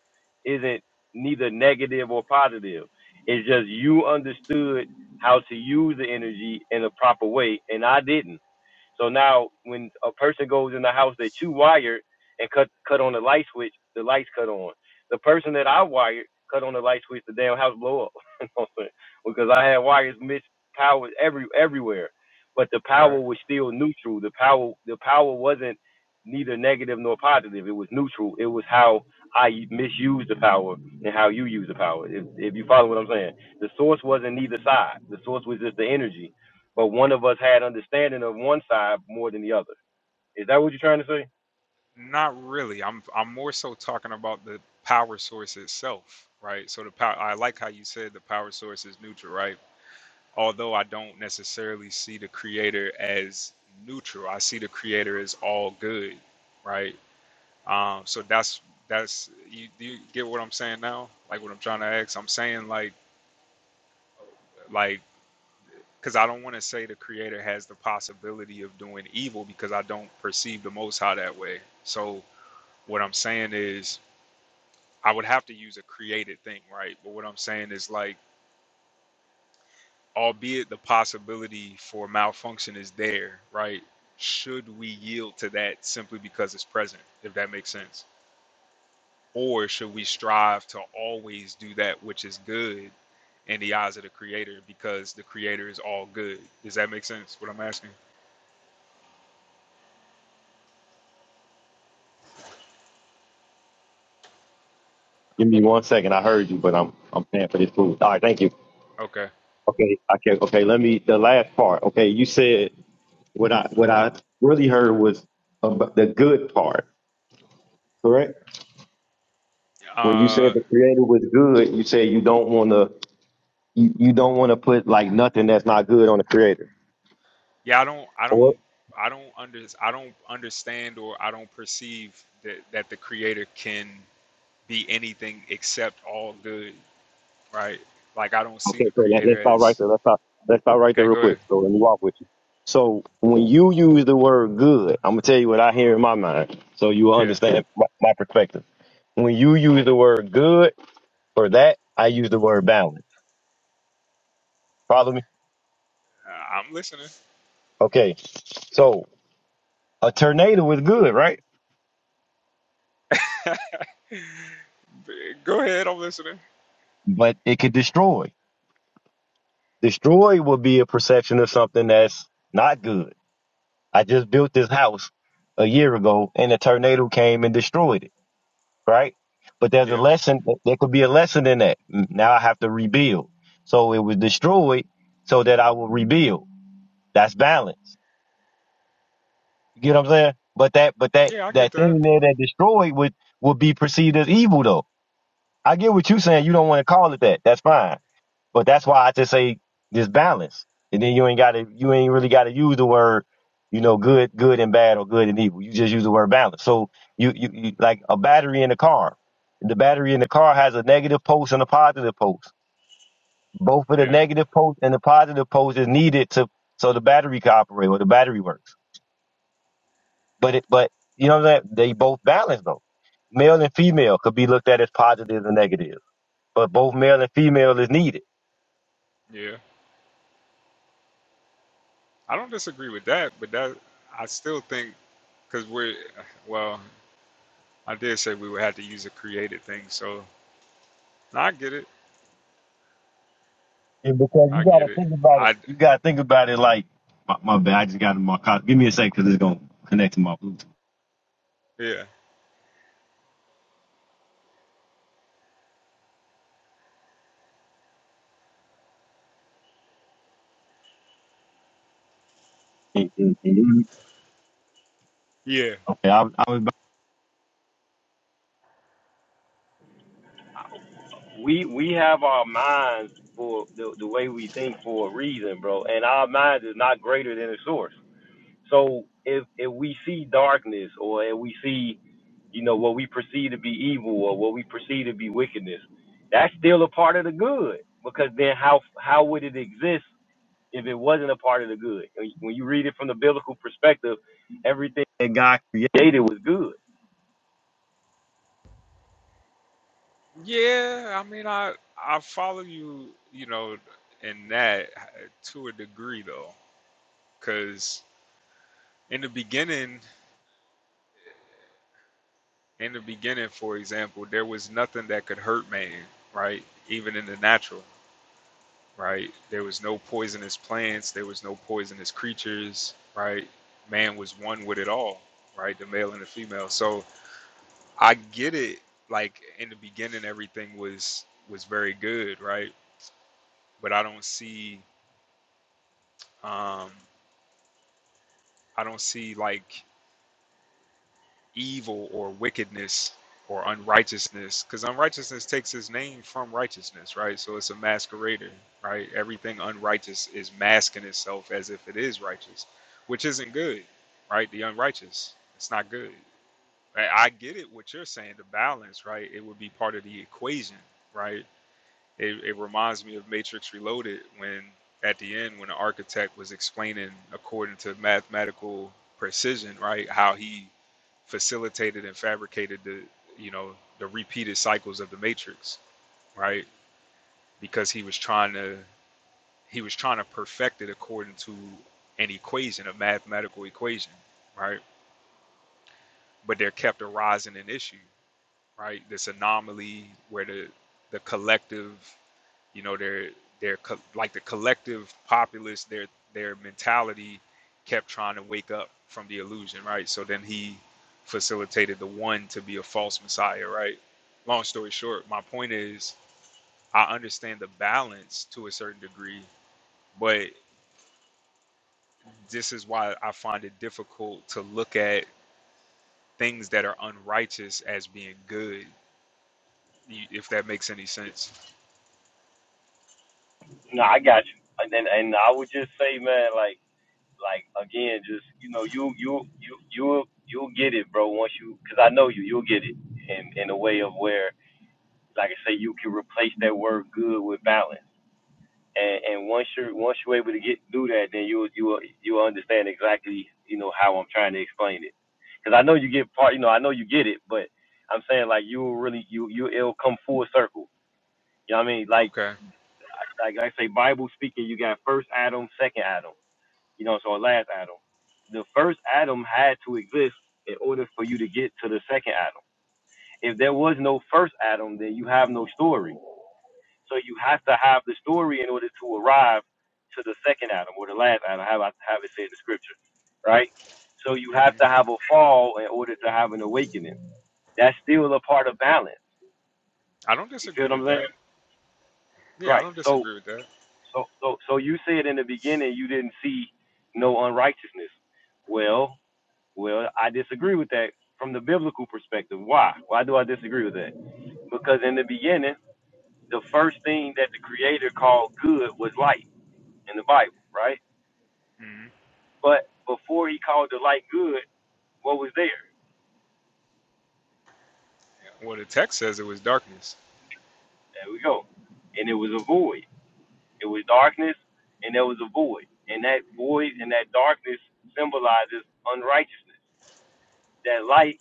C: isn't neither negative or positive. It's just you understood how to use the energy in a proper way, and I didn't. So now when a person goes in the house that you wired and cut cut on the light switch, the lights cut on. The person that I wired cut on the light switch, the damn house blow up. You know what I'm saying? because I had wires missed power every everywhere. But the
A: Right.
C: power was still neutral. The power the power wasn't neither negative nor positive. It was neutral. It was how I misuse the power and how you use the power. If, if you follow what I'm saying, the source wasn't neither side. The source was just the energy but one of us had understanding of one side more than the other. Is that what you're trying to say?
A: Not really. I'm I'm more so talking about the power source itself, right? So the power. I like how you said the power source is neutral, right? Although I don't necessarily see the creator as neutral, I see the creator as all good, right? Um. So that's that's you. Do you get what I'm saying now? Like what I'm trying to ask. I'm saying like like. because I don't want to say the creator has the possibility of doing evil because I don't perceive the Most High that way. So what I'm saying is I would have to use a created thing, right? But what I'm saying is like, albeit the possibility for malfunction is there, right? Should we yield to that simply because it's present, if that makes sense? Or should we strive to always do that which is good in the eyes of the creator because the creator is all good? Does that make sense? What I'm asking?
C: Give me one second. I heard you, but I'm I'm paying for this food. All right, thank you.
A: Okay.
C: Okay, I can okay, let me the last part. Okay, you said what I what I really heard was about the good part, correct? When you said
A: Uh
C: the creator was good, you said you don't wanna you, you don't wanna put like nothing that's not good on the creator.
A: Yeah, I don't, I don't, I don't under, I don't understand or I don't perceive that that the creator can be anything except all good, right? Like I don't see
C: Okay,
A: the
C: so let, let's
A: creator
C: start right
A: as
C: there. Let's stop. Let's start right there
A: okay.
C: real
A: Go ahead.
C: quick. So let me walk with you. So when you use the word good, I'm gonna tell you what I hear in my mind, so you will
A: Yeah,
C: understand my, my perspective. When you use the word good for that, I use the word balance. Follow me?
A: I- I'm listening.
C: Okay. So a tornado is good, right?
A: go ahead, I'm listening.
C: But it could destroy. Destroy will be a perception of something that's not good. I just built this house a year ago, and a tornado came and destroyed it right? But there's a
A: Yeah,
C: lesson. There could be a lesson in that. Now I have to rebuild. So it was destroyed so that I will rebuild. That's balance. You get what I'm saying? But that, but that,
A: yeah, I get
C: that
A: that.
C: thing there that destroyed would, would be perceived as evil though. I get what you're saying. You don't want to call it that. That's fine. But that's why I just say this balance. And then you ain't gotta you ain't really gotta use the word, you know, good, good and bad or good and evil. You just use the word balance. So you you, you like a battery in the car. The battery in the car has a negative post and a positive post. Both of the
A: Yeah,
C: negative post and the positive post is needed to so the battery can operate or the battery works. But it but you know what I'm saying? they both balance though. Male and female could be looked at as positive and negative, but both male and female is needed.
A: yeah, I don't disagree with that, but that I still think because we're well, I did say we would have to use a created thing, so no, I get it.
C: Yeah, because
A: I
C: you
A: get
C: gotta
A: it.
C: think about it.
A: I
C: You gotta think about it like my, my bad. I just got in my car. Give me a cause it's gonna connect to my Bluetooth.
A: yeah
C: Can- can- can
A: yeah
C: Okay, I, was- I was. About, We we have our minds for the, the way we think for a reason, bro, and our mind is not greater than the source. So if if we see darkness or if we see, you know, what we perceive to be evil or what we perceive to be wickedness, that's still a part of the good because then how how would it exist if it wasn't a part of the good. When you read it from the biblical perspective, everything that God created was good.
A: yeah. I mean, I I follow you. You know, in that uh, to a degree though, because in the beginning, in the beginning, for example, there was nothing that could hurt man, right? Even in the natural, right? There was no poisonous plants. There was no poisonous creatures, right? Man was one with it all, right? The male and the female. So I get it. Like in the beginning, everything was was very good, right? But I don't see, um, I don't see like evil or wickedness or unrighteousness, because unrighteousness takes its name from righteousness, right? So it's a masquerader, right? Everything unrighteous is masking itself as if it is righteous, which isn't good, right? The unrighteous, it's not good. I I get it. What you're saying, the balance, right? It would be part of the equation, right? It, it reminds me of Matrix Reloaded when at the end when the architect was explaining according to mathematical precision, right, how he facilitated and fabricated the you know the repeated cycles of the matrix right because he was trying to he was trying to perfect it according to an equation a mathematical equation right but there kept arising an issue right? This anomaly where the the collective, you know, their their co- like the collective populace, their their mentality kept trying to wake up from the illusion, right? So then he facilitated the one to be a false messiah, right? Long story short, my point is I understand the balance to a certain degree, but this is why I find it difficult to look at things that are unrighteous as being good, y- if that makes any sense.
C: No, I got you. And then, and I would just say, man, like, like again, just you know, you you you you'll you'll get it, bro. Once you, because I know you, you'll get it in in a way of where, like I say, you can replace that word good with balance. and and once you're once you're able to get through that, then you you you will understand exactly you know how I'm trying to explain it. Because I know you get part, you know, I know you get it, but I'm saying like you will really you you it'll come full circle. You know what I mean? Like
A: Okay.
C: like I say, Bible speaking, you got first Adam, second Adam, you know, so last Adam. The first Adam had to exist in order for you to get to the second Adam. If there was no first Adam, then you have no story. So you have to have the story in order to arrive to the second Adam or the last Adam, have I have it said in the scripture, right? So you
A: hmm
C: have to have a fall in order to have an awakening. That's still a part of balance.
A: I don't
C: You
A: disagree
C: feel what I'm
A: with that.
C: saying?
A: Yeah, I
C: Right.
A: don't
C: So
A: disagree with that.
C: so so so you said in the beginning you didn't see no unrighteousness. Well, well, I disagree with that from the biblical perspective. Why? Why do I disagree with that? Because in the beginning, the first thing that the creator called good was light in the Bible, right?
A: hmm
C: But before he called the light good, what was there?
A: Well, the text says it was darkness.
C: There we go. And it was a void. It was darkness, and there was a void. And that void and that darkness symbolizes unrighteousness. That light,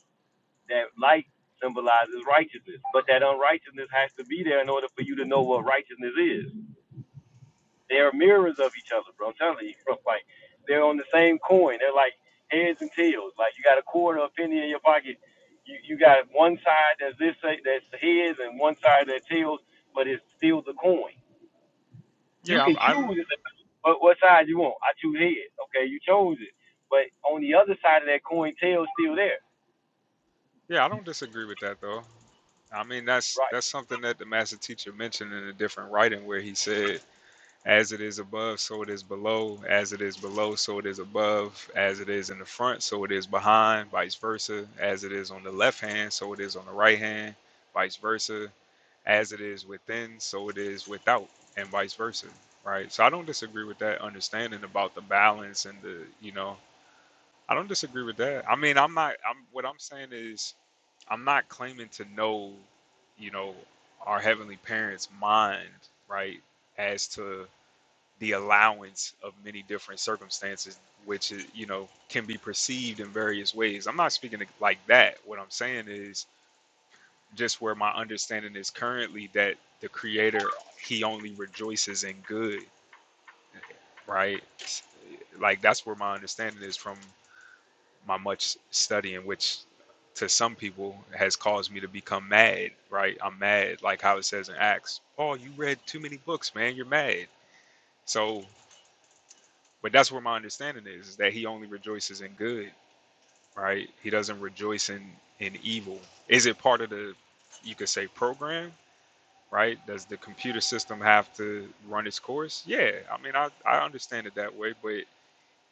C: that light symbolizes righteousness. But that unrighteousness has to be there in order for you to know what righteousness is. They are mirrors of each other, bro. I'm telling you, bro. Like they're on the same coin. They're like heads and tails. Like you got a quarter, of a penny in your pocket. You you got one side that's this that's the heads and one side that tails, but it's still the coin. You
A: Yeah,
C: can
A: I, I don't-
C: choose and say, what what side you want. I choose heads. Okay, you chose it. But on the other side of that coin, tails still there,
A: yeah, I don't disagree with that though. I mean, that's
C: right?
A: that's something that the master teacher mentioned in a different writing where he said As it is above, so it is below. As it is below, so it is above. As it is in the front, so it is behind, vice versa. As it is on the left hand, so it is on the right hand, vice versa. As it is within, so it is without, and vice versa. Right? So I don't disagree with that understanding about the balance and the, you know, I don't disagree with that. I mean, I'm not, I'm, what I'm saying is, I'm not claiming to know, you know, our heavenly parents' mind, right? As to, the allowance of many different circumstances which is, you know can be perceived in various ways i'm not speaking like that what i'm saying is just where my understanding is currently that the creator he only rejoices in good right like that's where my understanding is from my much studying which to some people has caused me to become mad right i'm mad like how it says in acts oh you read too many books man you're mad so But that's where my understanding is, is that he only rejoices in good, right? He doesn't rejoice in in evil. Is it part of the you could say program, right? Does the computer system have to run its course? Yeah. I mean, I I understand it that way, but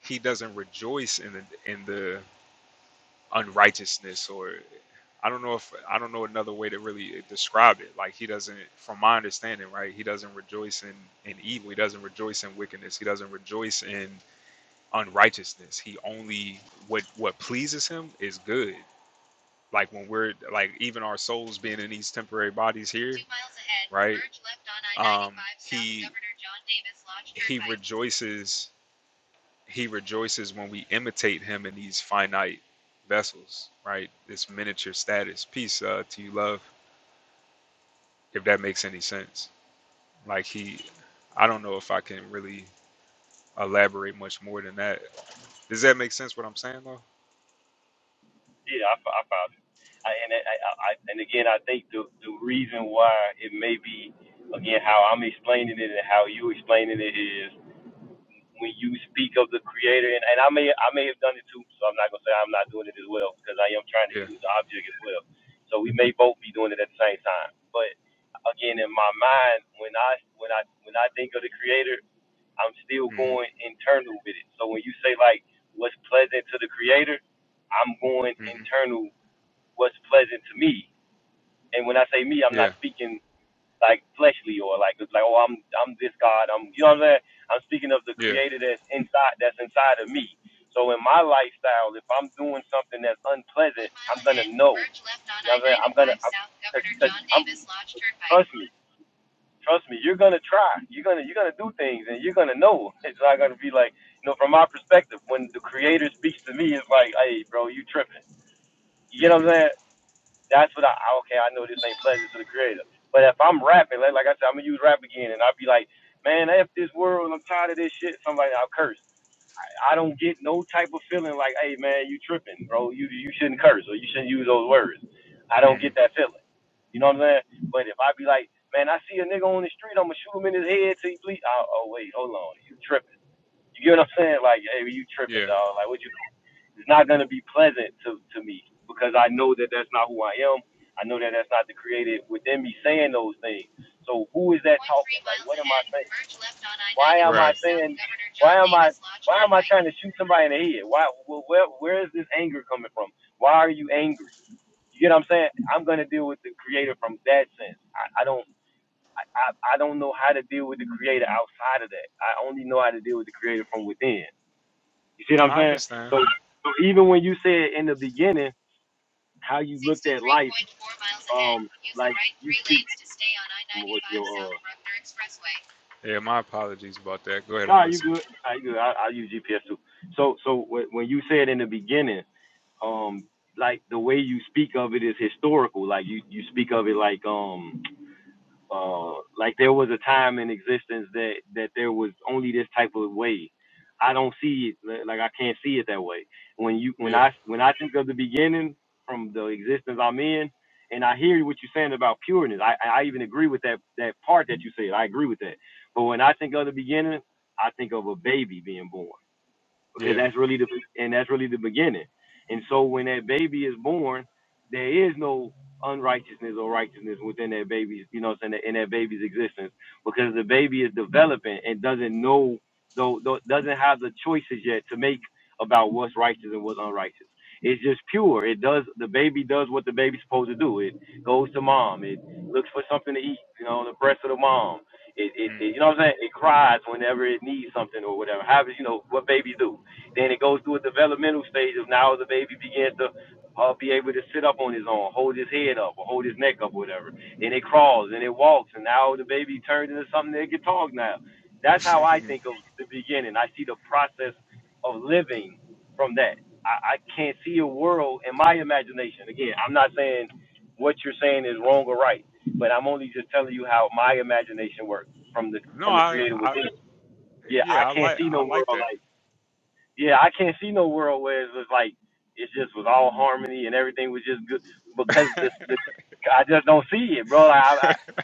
A: he doesn't rejoice in the in the unrighteousness or I don't know if I don't know another way to really uh, describe it. Like he doesn't, from my understanding, right? He doesn't rejoice in in evil. He doesn't rejoice in wickedness. He doesn't rejoice in unrighteousness. He only what what pleases him is good. Like when we're like even our souls being in these temporary bodies here, right? um, he he rejoices. He rejoices when we imitate him in these finite vessels, right? This miniature status. Peace uh, to you, love. If that makes any sense, like he, I don't know if I can really elaborate much more than that. Does that make sense? What I'm saying, though?
C: Yeah, I, fo- I found it. I, and I, I, I, and again, I think the the reason why it may be again how I'm explaining it and how you explaining it is when you speak of the creator and, and I may I may have done it too, so I'm not gonna say I'm not doing it as well because I am trying to
A: Yeah.
C: use the object as well. So we may both be doing it at the same time. But again, in my mind, when I when I when I think of the creator, I'm still
A: hmm
C: going internal with it. So when you say like what's pleasant to the creator, I'm going
A: hmm
C: internal what's pleasant to me. And when I say me, I'm not
A: Yeah.
C: speaking like fleshly or like like oh I'm I'm this God. I'm you know what I'm saying. I'm speaking of the
A: Yeah.
C: Creator that's inside that's inside of me. So in my lifestyle, if I'm doing something that's
A: One
C: unpleasant,
A: mile
C: I'm gonna
A: ahead,
C: know.
A: merge left on
C: You
A: I
C: know what I'm saying. I'm
A: 95
C: gonna I'm,
A: South
C: cause,
A: Governor
C: cause
A: John
C: I'm
A: Davis Lodge Turnpike.
C: trust me. Trust me, you're gonna try. You're gonna you're gonna do things, and you're gonna know. It's not gonna be like you know, from my perspective, when the Creator speaks to me, it's like, hey, bro, you tripping. You know what
A: Mm-hmm.
C: I'm saying? that's what I okay. I know this ain't pleasant to the creator, but if I'm rapping, like, like I said, I'm gonna use rap again, and I'll be like, man, f this world, I'm tired of this shit. Somebody, I'll curse. I, I don't get no type of feeling like, hey man, you tripping, bro. You you shouldn't curse or you shouldn't use those words. I don't
A: Mm-hmm.
C: get that feeling. You know what I'm saying? But if I be like, man, I see a nigga on the street, I'm gonna shoot him in his head till he bleed. Oh, oh wait, hold on, you tripping? You get what I'm saying? Like, hey, you tripping,
A: Yeah.
C: dog? Like, what you? it's not going to be pleasant to, to me because I know that that's not who I am. I know that that's not the creative within me saying those things. So who is that
A: Point three
C: talking? Like,
A: miles
C: what am I
A: ahead,
C: saying?
A: merge left on I
C: Why
A: 95
C: am I
A: Right. South
C: saying?
A: Governor John
C: Why am I?
A: Davis Lodge
C: Why am I
A: Turnpike.
C: trying to shoot somebody in the head? Why? Where? Where is this anger coming from? Why are you angry? You get what I'm saying? I'm gonna deal with the creator from that sense. I, I don't. I, I don't know how to deal with the creator outside of that. I only know how to deal with the creator from within. You see what I'm
A: I
C: saying?
A: understand.
C: So, so even when you said in the beginning how you looked at life.
A: 63.4 miles ahead,
C: Um,
A: use the
C: like
A: right
C: you
A: three
C: speak.
A: lanes to stay on I
C: um, What's your
A: 95
C: uh?
A: South Bruckner Expressway. Yeah, my apologies about that. Go ahead, I'm
C: Nah, you
A: listening.
C: good. I good. I, I use GPS too. So so wh- when you said in the beginning, um, like the way you speak of it is historical. Like you you speak of it like um Uh, like there was a time in existence that that there was only this type of way. I don't see it like I can't see it that way. When you when
A: Yeah,
C: I when I think of the beginning from the existence I'm in, and I hear what you're saying about pureness. I I even agree with that that part that you said. I agree with that. But when I think of the beginning, I think of a baby being born because
A: yeah.
C: that's really the and that's really the beginning. And so when that baby is born, there is no unrighteousness or righteousness within that baby's, you know, what I'm saying, in that baby's existence because the baby is developing and doesn't know, though, though doesn't have the choices yet to make about what's righteous and what's unrighteous. It's just pure. It does the baby does what the baby's supposed to do. It goes to mom. It looks for something to eat, you know, on the breast of the mom. It, it, it you know what I'm saying? It cries whenever it needs something or whatever. How you know what babies do? Then it goes through a developmental stage of now the baby begins to uh, be able to sit up on his own, hold his head up, or hold his neck up, whatever. Then it crawls and it walks, and now the baby turns into something that can talk now. That's how I
A: Mm.
C: think of the beginning. I see the process of living from that. I, I can't see a world in my imagination. Again, I'm not saying what you're saying is wrong or right, but I'm only just telling you how my imagination works from the
A: no,
C: from the
A: I,
C: creator
A: I,
C: within. Yeah, I
A: yeah, I
C: can't
A: like,
C: see
A: I
C: no
A: like
C: world like
A: that.
C: yeah, I can't see no world where it was like it just was all harmony and everything was just good because this the I just don't see it, bro. Like, I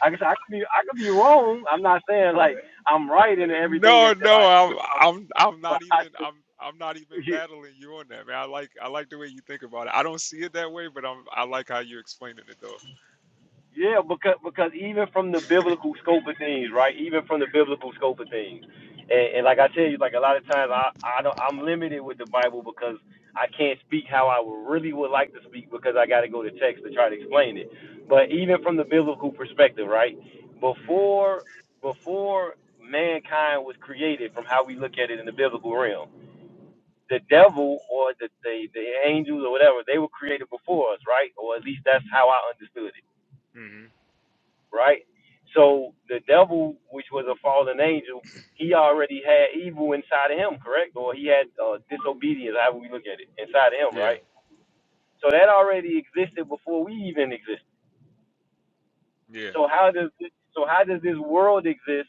C: I I guess I could be I could be wrong. I'm not saying like I'm right in everything
A: No,
C: that, that
A: no,
C: I see,
A: I'm I'm I'm
C: but
A: not
C: I,
A: even I'm I'm not even battling you on that, man. I like I like the way you think about it. I don't see it that way, but I'm I like how you're explaining it though.
C: Yeah, because because even from the biblical scope of things, right? Even from the biblical scope of things, and, and like I tell you, like a lot of times I I don't I'm limited with the Bible because I can't speak how I would really would like to speak because I got to go to text to try to explain it. But even from the biblical perspective, right?
A: hmm
C: Before before mankind was created, from how we look at it in the biblical realm, the devil or the the, the angels or whatever they were created before us, right? Or at least that's how I understood it
A: hmm
C: right? So the devil, which was a fallen angel, he already had evil inside of him, correct? Or he had uh, disobedience, however we look at it, inside of him,
A: Yeah.
C: right? So that already existed before we even existed.
A: Yeah.
C: So how does this, so how does this world exist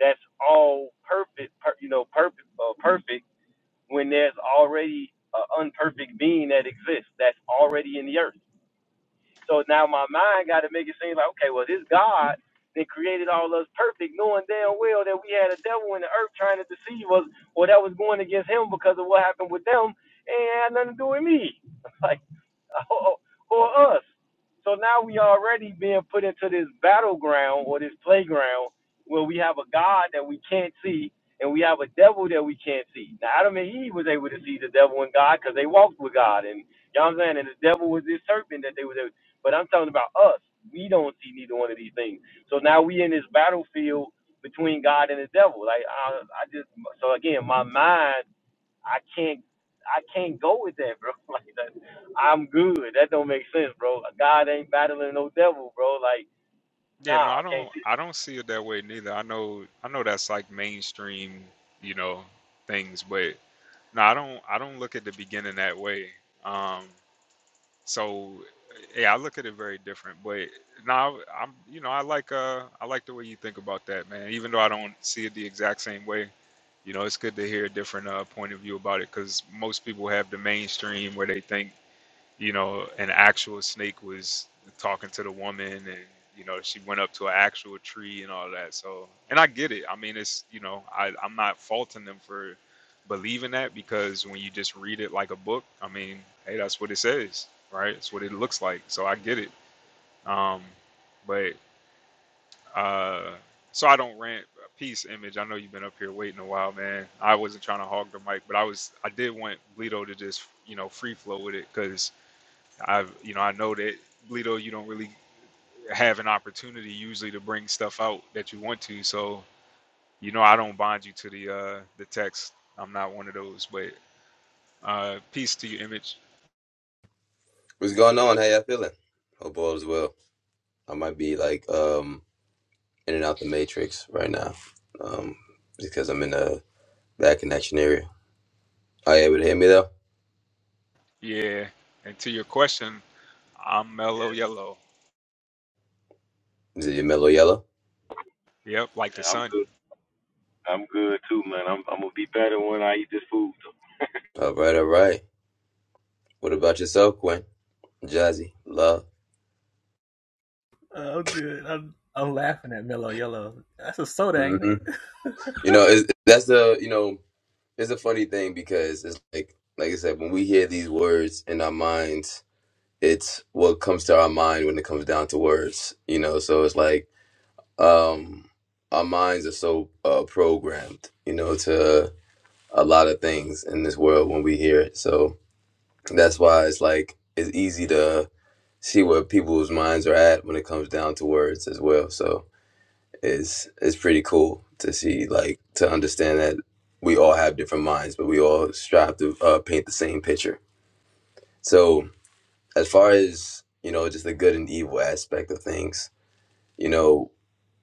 C: that's all perfect, per, you know, perfect, uh, perfect when there's already an unperfect being that exists that's already in the earth? So now my mind got to make it seem like, okay, well, this God that created all us perfect, knowing damn well that we had a devil in the earth trying to deceive us, or that was going against him because of what happened with them, and it had nothing to do with me. Like. or, or us. So now we already being put into this battleground or this playground where we have a God that we can't see and we have a devil that we can't see. Now Adam and Eve was able to see the devil and God because they walked with God and you know what I'm saying? And the devil was this serpent that they was able but I'm talking about us. We don't see neither one of these things. So now we in this battlefield between God and the devil. Like I, I just so again, my mind I can't I can't go with that, bro. Like that, I'm good. That don't make sense, bro. God ain't battling no devil, bro. Like,
A: Yeah,
C: nah,
A: no, I
C: I can't
A: don't
C: see
A: I
C: that.
A: don't see it that way neither. I know I know that's like mainstream, you know, things, but no, I don't I don't look at the beginning that way. Um So yeah, I look at it very different. But now I'm, you know, I like uh, I like the way you think about that, man. Even though I don't see it the exact same way, you know, it's good to hear a different uh, point of view about it because most people have the mainstream where they think you know, an actual snake was talking to the woman and you know she went up to an actual tree and all that so and i get it i mean it's you know I, i'm not faulting them for believing that because when you just read it like a book i mean hey that's what it says right it's what it looks like so i get it um but uh so i don't rant uh, peace image i know you've been up here waiting a while man i wasn't trying to hog the mic but i was i did want Bleedo to just you know free flow with it because I've you know I know that Lito, you don't really have an opportunity usually to bring stuff out that you want to. So you know I don't bind you to the uh, the text. I'm not one of those. But uh, peace to your image.
D: What's going on? How y'all feeling? Hope all is well. I might be like um in and out the matrix right now, um because I'm in the bad connection area. Are you able to hear me though?
A: Yeah, and to your question, I'm mellow yellow.
D: Is it your mellow yellow?
A: Yep, like the
C: Yeah, I'm
A: sun.
C: good. I'm good too, man. I'm I'm gonna be better when I eat this food. Though.
D: All right, all right. What about yourself, Quinn? Jazzy, love.
B: Oh, good. I'm I'm laughing at Mellow Yellow. That's a soda, ain't
D: hmm
B: it?
D: You know, it's, that's the you know it's a funny thing because it's like like I said when we hear these words in our minds, it's what comes to our mind when it comes down to words. You know, so it's like um our minds are so uh programmed you know to a lot of things in this world when we hear it so that's why it's like it's easy to see where people's minds are at when it comes down to words as well so it's it's pretty cool to see like to understand that we all have different minds but we all strive to uh, paint the same picture so as far as you know just the good and evil aspect of things you know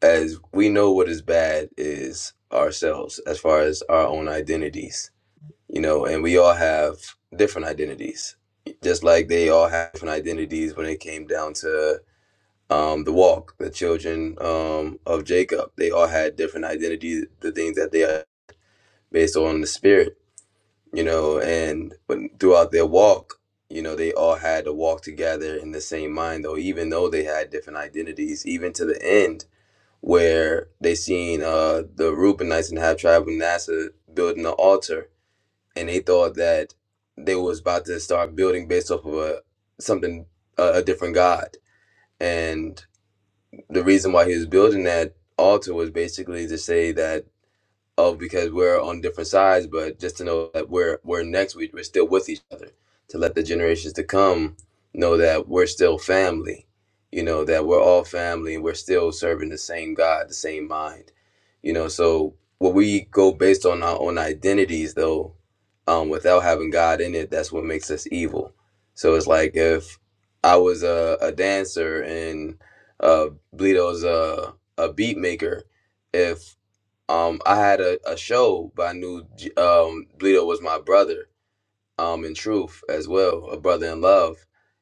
D: as we know what is bad is ourselves as far as our own identities you know and we all have different identities just like they all have different identities when it came down to um, the walk the children um, of jacob they all had different identities the things that they are based on the spirit you know and when, throughout their walk you know they all had to walk together in the same mind though even though they had different identities even to the end where they seen uh, the Reubenites and the half tribe of Manasseh building the altar, and they thought that they was about to start building based off of a something a, a different god. And the reason why he was building that altar was basically to say that of because we're on different sides, but just to know that we're we're next week, we're still with each other. To let the generations to come know that we're still family, you know, that we're all family and we're still serving the same God, the same mind. You know, so when we go based on our own identities though, um, without having God in it, that's what makes us evil. So it's like if I was a, a dancer and uh Bleedo's a, a beat maker, if um, I had a, a show, but I knew J- um, Bleedo was my brother, um, in truth as well, a brother in love,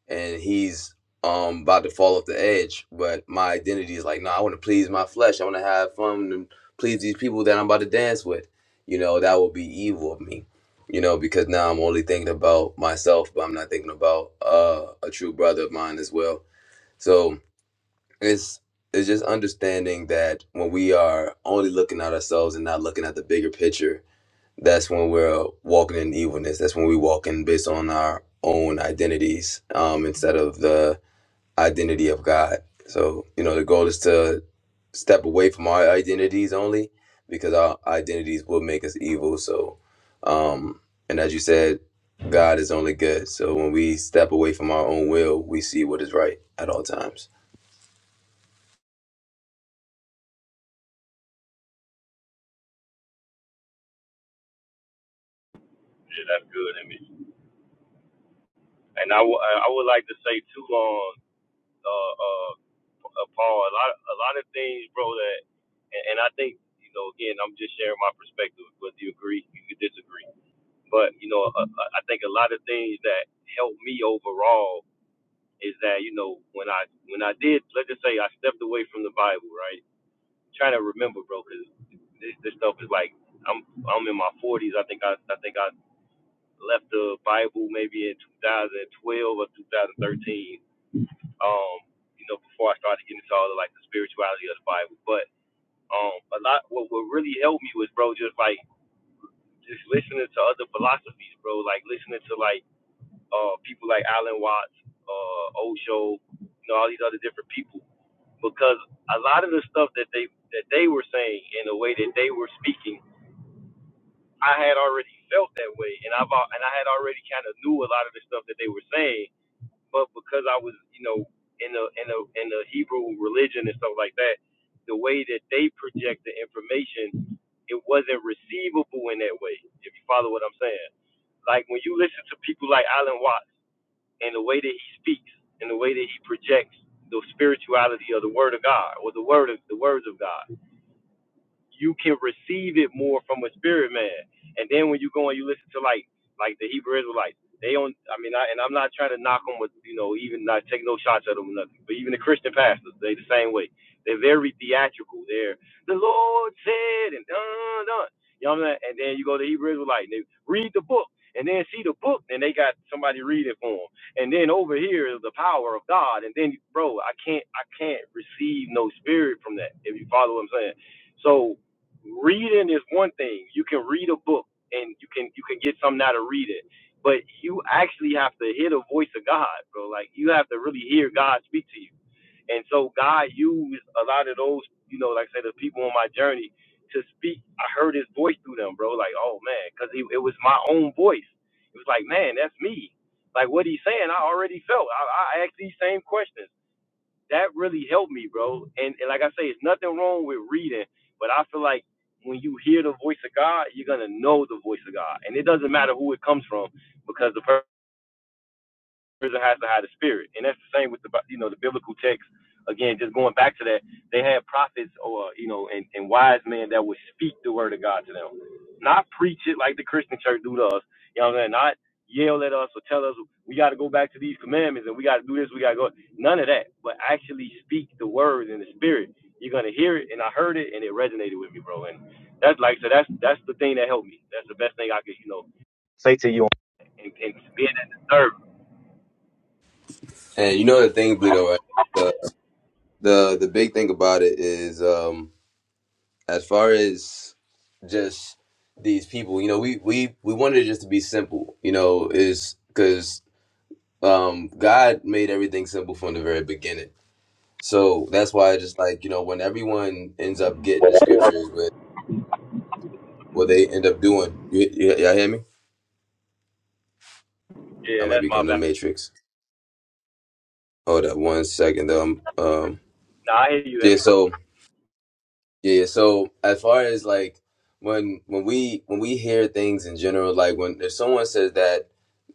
D: and he's um about to fall off the edge. But my identity is like, no, I want to please my flesh. I want to have fun and please these people that I'm about to dance with. You know, that would be evil of me. You know, because now I'm only thinking about myself, but I'm not thinking about uh, a true brother of mine as well. So it's it's just understanding that when we are only looking at ourselves and not looking at the bigger picture that's when we're walking in evilness that's when we walk in based on our own identities um, instead of the identity of god so you know the goal is to step away from our identities only because our identities will make us evil so um and as you said god is only good so when we step away from our own will we see what is right at all times
C: Yeah, that's good, I mean. And I w- I I would like to say too on uh uh uh, Paul a lot a lot of things, bro. That and, and I think you know again I'm just sharing my perspective. Whether you agree, you could disagree, but you know uh, uh, I think a lot of things that helped me overall is that you know when I when I did let's just say I stepped away from the Bible, right? Trying to remember, bro, because this, this stuff is like I'm I'm in my 40s. I think I I think I left the Bible maybe in 2012 or 2013. Um, you know, before I started getting into all the like the spirituality of the Bible, but um, a lot what what really helped me was, bro, just like just listening to other philosophies, bro. Like listening to like uh people like Alan Watts, uh Osho, you know, all these other different people because a lot of the stuff that they that they were saying and the way that they were speaking, I had already felt that way, and I've al- and I had already kind of knew a lot of the stuff that they were saying, but because I was you know in the in the in the Hebrew religion and stuff like that, the way that they project the information, it wasn't receivable in that way. If you follow what I'm saying, like when you listen to people like Alan Watts and the way that he speaks and the way that he projects the spirituality of the Word of God or the Word of the words of God you can receive it more from a spirit man. And then when you go and you listen to like like the Hebrew Israelites, they don't. I mean, I, and I'm not trying to knock them with you know even not take no shots at them or nothing. But even the Christian pastors, they the same way. They're very theatrical. They're the Lord said and dun dun. You know what I'm saying? And then you go to Hebrew Israelite and they read the book. And then see the book, and they got somebody read it for them. And then over here is the power of God. And then, bro, I can't, I can't receive no spirit from that. If you follow what I'm saying, so reading is one thing. You can read a book and you can you can get something out of reading. But you actually have to hear the voice of God, bro. Like you have to really hear God speak to you. And so God used a lot of those, you know, like I said, the people on my journey to speak. I heard his voice through them, bro. Like, oh man, because it, it was my own voice. It was like, man, that's me. Like what he's saying, I already felt. I, I asked these same questions that really helped me, bro. And, and like I say, it's nothing wrong with reading, but I feel like when you hear the voice of God, you're gonna know the voice of God, and it doesn't matter who it comes from, because the person that has the higher spirit. And that's the same with the you know the biblical text. Again, just going back to that, they had prophets or you know and, and wise men that would speak the word of God to them, not preach it like the Christian church do to us. You know what I'm saying? Not yell at us or tell us we got to go back to these commandments and we got to do this, we got to go. None of that, but actually speak the word in the spirit. You're gonna hear it, and I heard it, and it resonated with me, bro. And that's like so. That's that's the thing that helped me. That's the best thing I could you know say to you and, and being at the
D: And you know the thing, Bleedo, right? The the the big thing about it is um as far as just these people, you know, we we we wanted it just to be simple, you know, is because um God made everything simple from the very beginning. So that's why I just like, you know, when everyone ends up getting the
C: service.
D: scriptures with what they end up doing. You, you, y'all hear me? I
C: Yeah,
D: might
C: that's
D: be
C: my
D: going to the
C: bad.
D: Matrix. Hold up one second though. Um, um
C: Nah, I hear you,
D: yeah,
C: Emmett.
D: so Yeah, yeah, so as far as like when when we when we hear things in general, like when if someone says that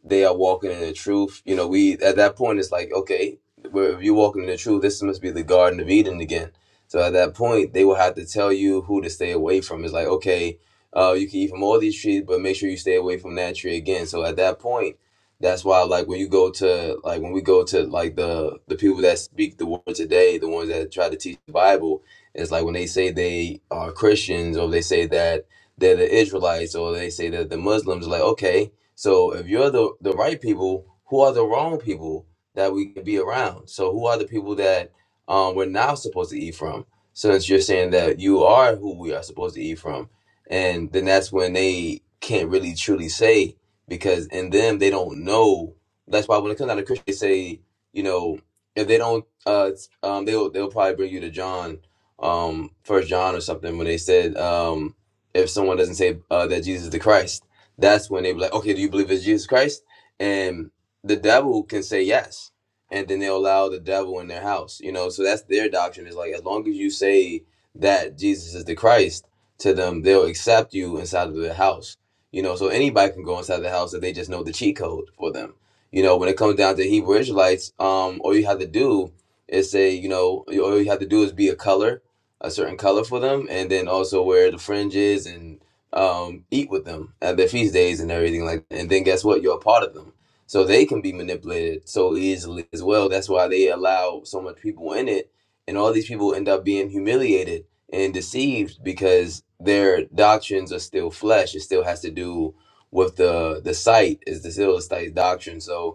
D: they are walking in the truth, you know, we at that point it's like, okay, well, if you're walking in the truth, this must be the Garden of Eden again. So at that point, they will have to tell you who to stay away from. It's like, okay, uh, you can eat from all these trees, but make sure you stay away from that tree again. So at that point, that's why like when you go to like when we go to like the the people that speak the word today, the ones that try to teach the Bible it's like when they say they are Christians or they say that they're the Israelites or they say that the Muslims, like, okay, so if you're the, the right people, who are the wrong people that we could be around? So who are the people that um, we're now supposed to eat from? Since you're saying that you are who we are supposed to eat from. And then that's when they can't really truly say because in them they don't know. That's why when it comes down to Christian, they say, you know, if they don't, uh, um, they'll they'll probably bring you to John um first john or something when they said um if someone doesn't say uh, that jesus is the christ that's when they be like okay do you believe it's jesus christ and the devil can say yes and then they'll allow the devil in their house you know so that's their doctrine is like as long as you say that jesus is the christ to them they'll accept you inside of the house you know so anybody can go inside the house if they just know the cheat code for them you know when it comes down to hebrew israelites um all you have to do is say you know all you have to do is be a color a certain color for them, and then also wear the fringes and um, eat with them at their feast days and everything like. that. And then guess what? You're a part of them, so they can be manipulated so easily as well. That's why they allow so much people in it, and all these people end up being humiliated and deceived because their doctrines are still flesh. It still has to do with the the sight is the still the sight doctrine. So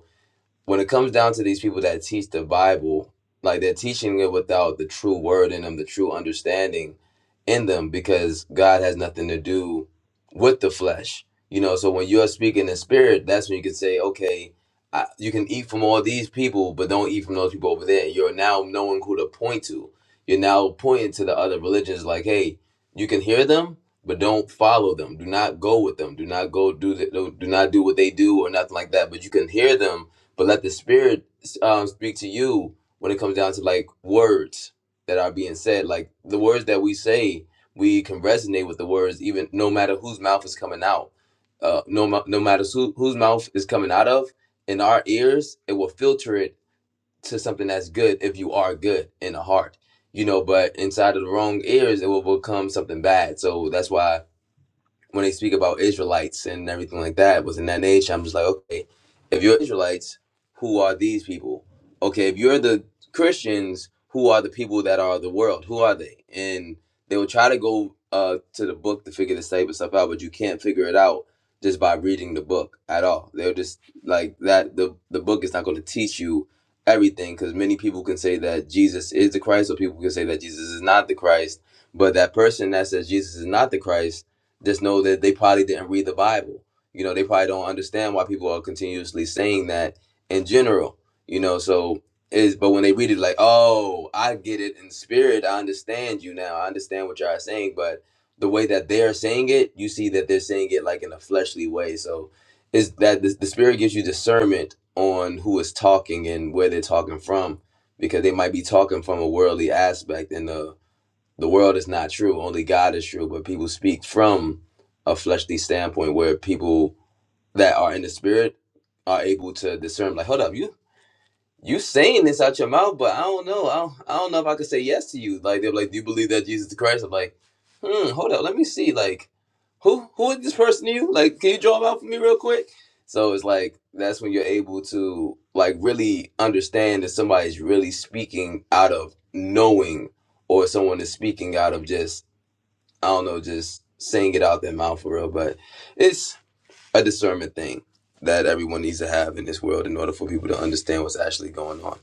D: when it comes down to these people that teach the Bible, like they're teaching it without the true word in them, the true understanding in them, because God has nothing to do with the flesh. You know, so when you're speaking in spirit, that's when you can say, okay, I, you can eat from all these people, but don't eat from those people over there. You're now knowing who to point to. You're now pointing to the other religions, like, hey, you can hear them, but don't follow them. Do not go with them. Do not go do the, do do not do what they do or nothing like that. But you can hear them but let the spirit um, speak to you when it comes down to like words that are being said. Like the words that we say, we can resonate with the words, even no matter whose mouth is coming out. Uh, no, ma- no matter who, whose mouth is coming out of, in our ears, it will filter it to something that's good if you are good in the heart, you know. But inside of the wrong ears, it will become something bad. So that's why when they speak about Israelites and everything like that was in that nation, I'm just like, okay, if you're Israelites, who are these people? Okay, if you're the Christians, who are the people that are the world? Who are they? And they will try to go uh, to the book to figure this type of stuff out, but you can't figure it out just by reading the book at all. they are just like that. The, the book is not going to teach you everything because many people can say that Jesus is the Christ, or people can say that Jesus is not the Christ. But that person that says Jesus is not the Christ just know that they probably didn't read the Bible. You know, they probably don't understand why people are continuously saying that in general. You know, so is but when they read it, like, oh, I get it in spirit. I understand you now. I understand what y'all are saying, but the way that they're saying it, you see that they're saying it like in a fleshly way. So is that the, the spirit gives you discernment on who is talking and where they're talking from because they might be talking from a worldly aspect and the the world is not true only god is true but people speak from a fleshly standpoint where people that are in the spirit are able to discern like hold up you you saying this out your mouth, but I don't know. I don't, I don't know if I could say yes to you. Like they're like, do you believe that Jesus is Christ? I'm like, hmm, hold up, let me see. Like, who who is this person to you? Like, can you draw them out for me real quick? So it's like that's when you're able to like really understand that somebody's really speaking out of knowing, or someone is speaking out of just I don't know, just saying it out their mouth for real. But it's a discernment thing that everyone needs to have in this world in order for people to understand what's actually going on.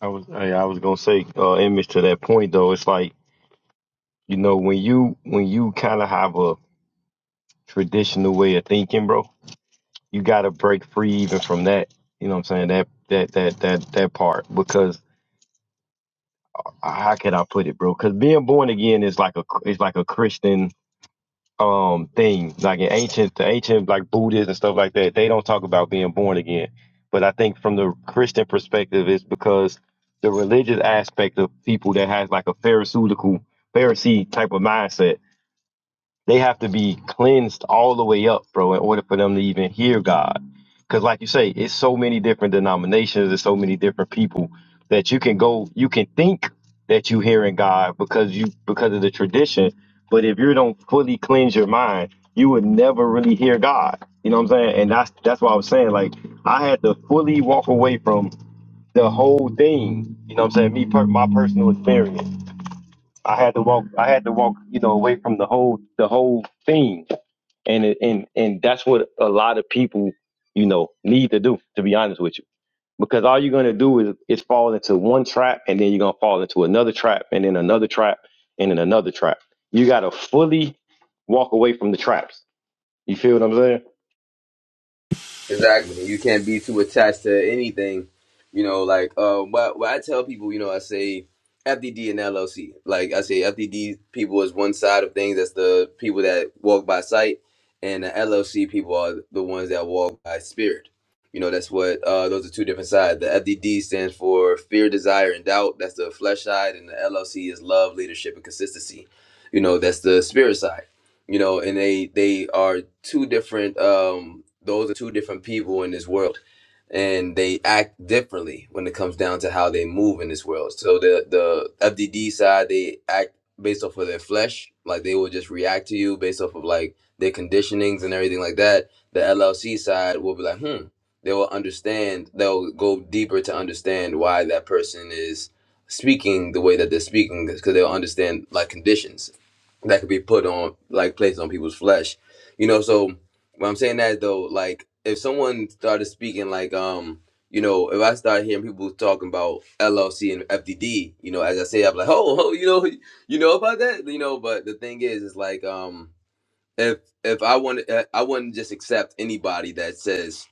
C: I was I, I was gonna say, uh, image to that point though. It's like you know when you when you kind of have a traditional way of thinking, bro. You gotta break free even from that. You know what I'm saying? That that that that that part because how can I put it, bro? Because being born again is like a it's like a Christian. um thing. Like in ancient the ancient like Buddhists and stuff like that, they don't talk about being born again. But I think from the Christian perspective it's because the religious aspect of people that has like a pharisaical Pharisee type of mindset they have to be cleansed all the way up, bro, in order for them to even hear God. Because, like you say, it's so many different denominations, there's so many different people that you can go, you can think that you hearing God because you because of the tradition, but if you don't fully cleanse your mind, you would never really hear God. You know what I'm saying? And that's that's what I was saying. Like I had to fully walk away from the whole thing. You know what I'm saying? Me, per- my personal experience I had to walk. I had to walk. You know, away from the whole the whole thing, and it, and and that's what a lot of people, you know, need to do. To be honest with you, because all you're gonna do is is fall into one trap, and then you're gonna fall into another trap, and then another trap, and then another trap. You gotta fully walk away from the traps. You feel what I'm saying?
D: Exactly. You can't be too attached to anything. You know, like um what what I tell people, you know, I say FDD and LLC. Like I say FDD people is one side of things, that's the people that walk by sight and the LLC people are the ones that walk by spirit. You know, that's what uh those are two different sides. The FDD stands for fear, desire and doubt. That's the flesh side and the LLC is love, leadership and consistency. You know, that's the spirit side you know and they they are two different um those are two different people in this world and they act differently when it comes down to how they move in this world so the the fdd side they act based off of their flesh like they will just react to you based off of like their conditionings and everything like that the llc side will be like hmm they will understand they'll go deeper to understand why that person is speaking the way that they're speaking because they'll understand like conditions that could be put on like placed on people's flesh you know so when i'm saying that though like if someone started speaking like um you know if i start hearing people talking about llc and fdd you know as i say i'm like oh, oh you know you know about that you know but the thing is is like um if if i want i wouldn't just accept anybody that says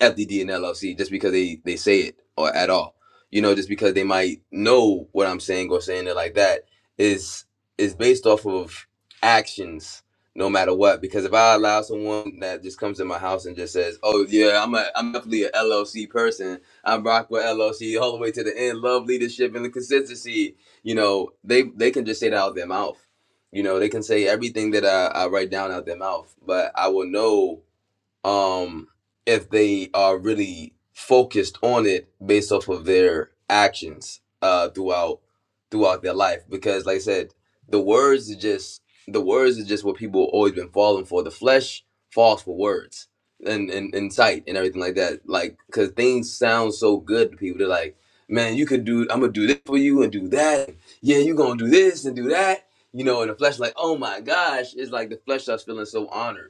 D: FDD and LLC just because they they say it or at all. You know, just because they might know what I'm saying or saying it like that is is based off of actions, no matter what. Because if I allow someone that just comes to my house and just says, "Oh yeah, I'm a I'm definitely a LLC person. I'm rock with LLC all the way to the end. Love leadership and the consistency." You know, they they can just say that out of their mouth. You know, they can say everything that I, I write down out their mouth, but I will know um, if they are really focused on it based off of their actions uh, throughout throughout their life. Because, like I said, the words is just the words is just what people always been falling for. The flesh falls for words and and, and sight and everything like that. Like, cause things sound so good to people. They're like, man, you could do. I'm gonna do this for you and do that. Yeah, you gonna do this and do that. You know, and the flesh, like, oh my gosh, it's like the flesh starts feeling so honored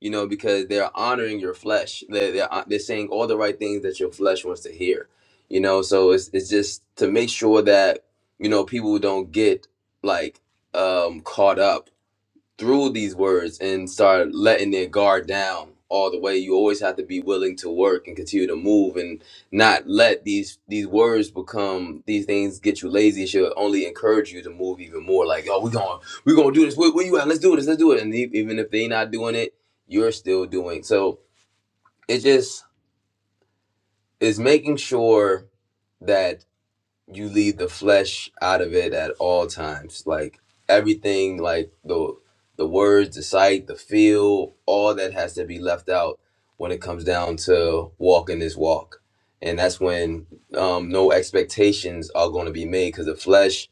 D: you know, because they're honoring your flesh. They're, they're, uh, they're saying all the right things that your flesh wants to hear, you know. So it's, it's just to make sure that, you know, people don't get like um, caught up through these words and start letting their guard down all the way you always have to be willing to work and continue to move and not let these these words become these things get you lazy it should only encourage you to move even more like oh we're going to we're going to do this where, where you at let's do this let's do it and e- even if they are not doing it you're still doing so it just is making sure that you leave the flesh out of it at all times. Like everything, like the the words, the sight, the feel, all that has to be left out when it comes down to walking this walk. And that's when um, no expectations are going to be made because the flesh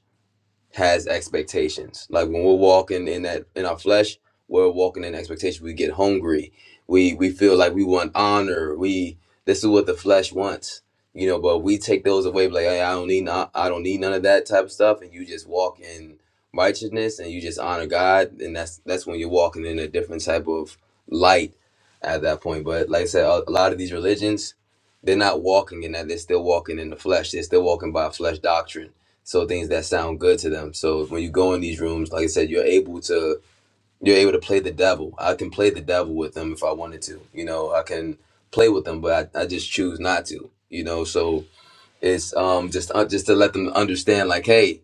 D: has expectations. Like when we're walking in that in our flesh, we're walking in expectation. We get hungry. We we feel like we want honor. We this is what the flesh wants, you know. But we take those away, like hey, I don't need no- I don't need none of that type of stuff, and you just walk in righteousness and you just honor God, and that's that's when you're walking in a different type of light at that point. But like I said, a a lot of these religions, they're not walking in that. They're still walking in the flesh. They're still walking by flesh doctrine so things that sound good to them so when you go in these rooms like i said you're able to you're able to play the devil i can play the devil with them if i wanted to you know i can play with them but i, I just choose not to you know so it's um just uh, just to let them understand like hey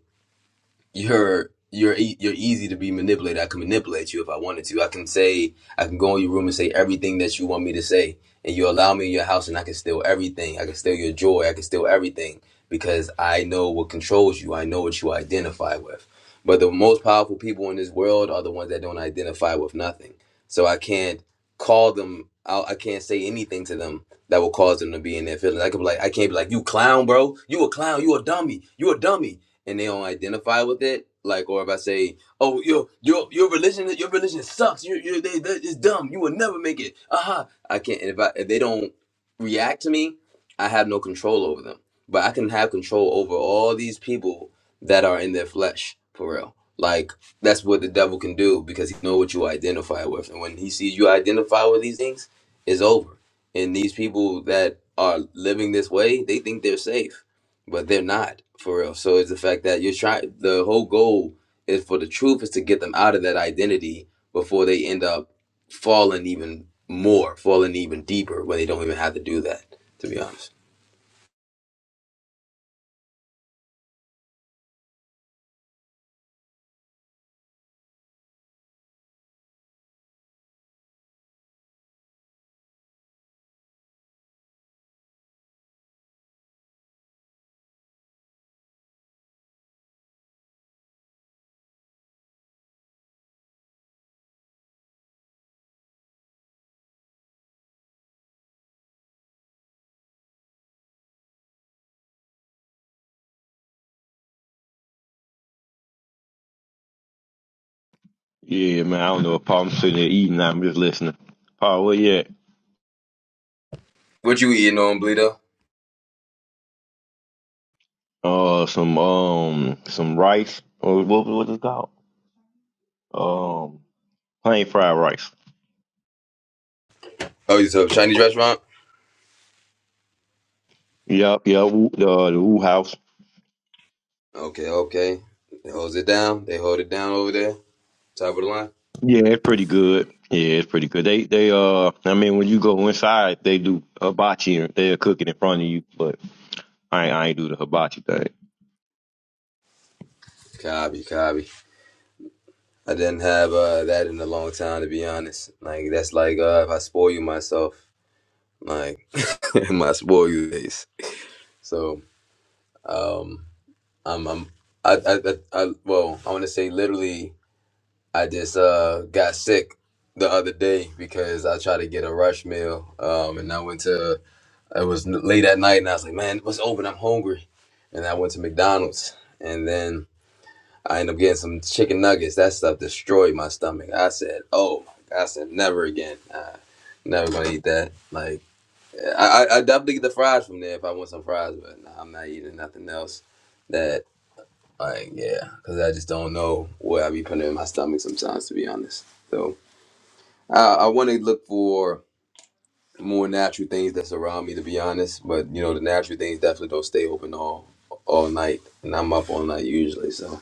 D: you're you're e- you're easy to be manipulated. I can manipulate you if I wanted to. I can say I can go in your room and say everything that you want me to say, and you allow me in your house, and I can steal everything. I can steal your joy. I can steal everything because I know what controls you. I know what you identify with. But the most powerful people in this world are the ones that don't identify with nothing. So I can't call them out. I can't say anything to them that will cause them to be in their feelings. I could be like, I can't be like, you clown, bro. You a clown. You a dummy. You a dummy and they don't identify with it, like, or if I say, "Oh, your your your religion, your religion sucks. You you they, they it's dumb. You will never make it." Aha! Uh-huh. I can't. And if I if they don't react to me, I have no control over them. But I can have control over all these people that are in their flesh for real. Like that's what the devil can do because he know what you identify with, and when he sees you identify with these things, it's over. And these people that are living this way, they think they're safe but they're not for real. So it's the fact that you're trying. The whole goal is for the truth is to get them out of that identity before they end up falling even more, falling even deeper, where they don't even have to do that. To be honest,
C: Yeah, man. I don't know. Paul, I'm sitting there eating. I'm just listening. Paul, where you at?
D: what you eating on Bleedo?
C: Uh, some um, some rice. Or what what is it called? plain fried rice.
D: Oh, you a Chinese restaurant?
C: Yep, yep. Woo- Uh, the Woo House.
D: Okay, okay. They holds it down. They hold it down over there, top of the line.
C: Yeah, it's pretty good. Yeah, it's pretty good. They they uh, I mean, when you go inside, they do hibachi. and They're cooking in front of you, but I ain't, I ain't do the hibachi thing.
D: Copy, copy. I didn't have uh, that in a long time, to be honest. Like that's like uh, if I spoil you myself, like my spoil you days. So Um, I'm, I'm, I, I, I, I well, I want to say literally, I just uh got sick the other day because I tried to get a rush meal. Um, and I went to it was late at night, and I was like, man, what's open? I'm hungry, and I went to McDonald's, and then I ended up getting some chicken nuggets. That stuff destroyed my stomach. I said, oh, I said never again. Uh, never gonna eat that. Like, I, I, I definitely get the fries from there if I want some fries, but nah, I'm not eating nothing else like, yeah, because I just don't know what I be putting in my stomach sometimes, to be honest. So I, I want to look for more natural things that's around me, to be honest. But you know, the natural things definitely don't stay open all all night, and I'm up all night usually. So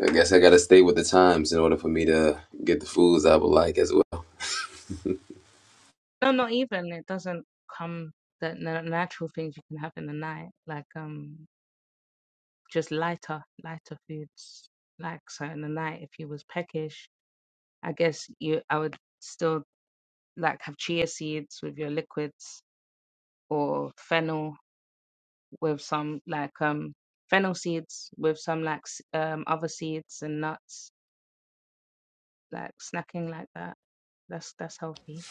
D: I guess I gotta stay with the times in order for me to get the foods I would like as well.
E: No, not even. It doesn't come the na- natural things you can have in the night, like um just lighter, lighter foods. Like so in the night, if you was peckish, I guess you I would still like have chia seeds with your liquids or fennel with some like um fennel seeds with some like s- um other seeds and nuts, like snacking like that. That's that's healthy.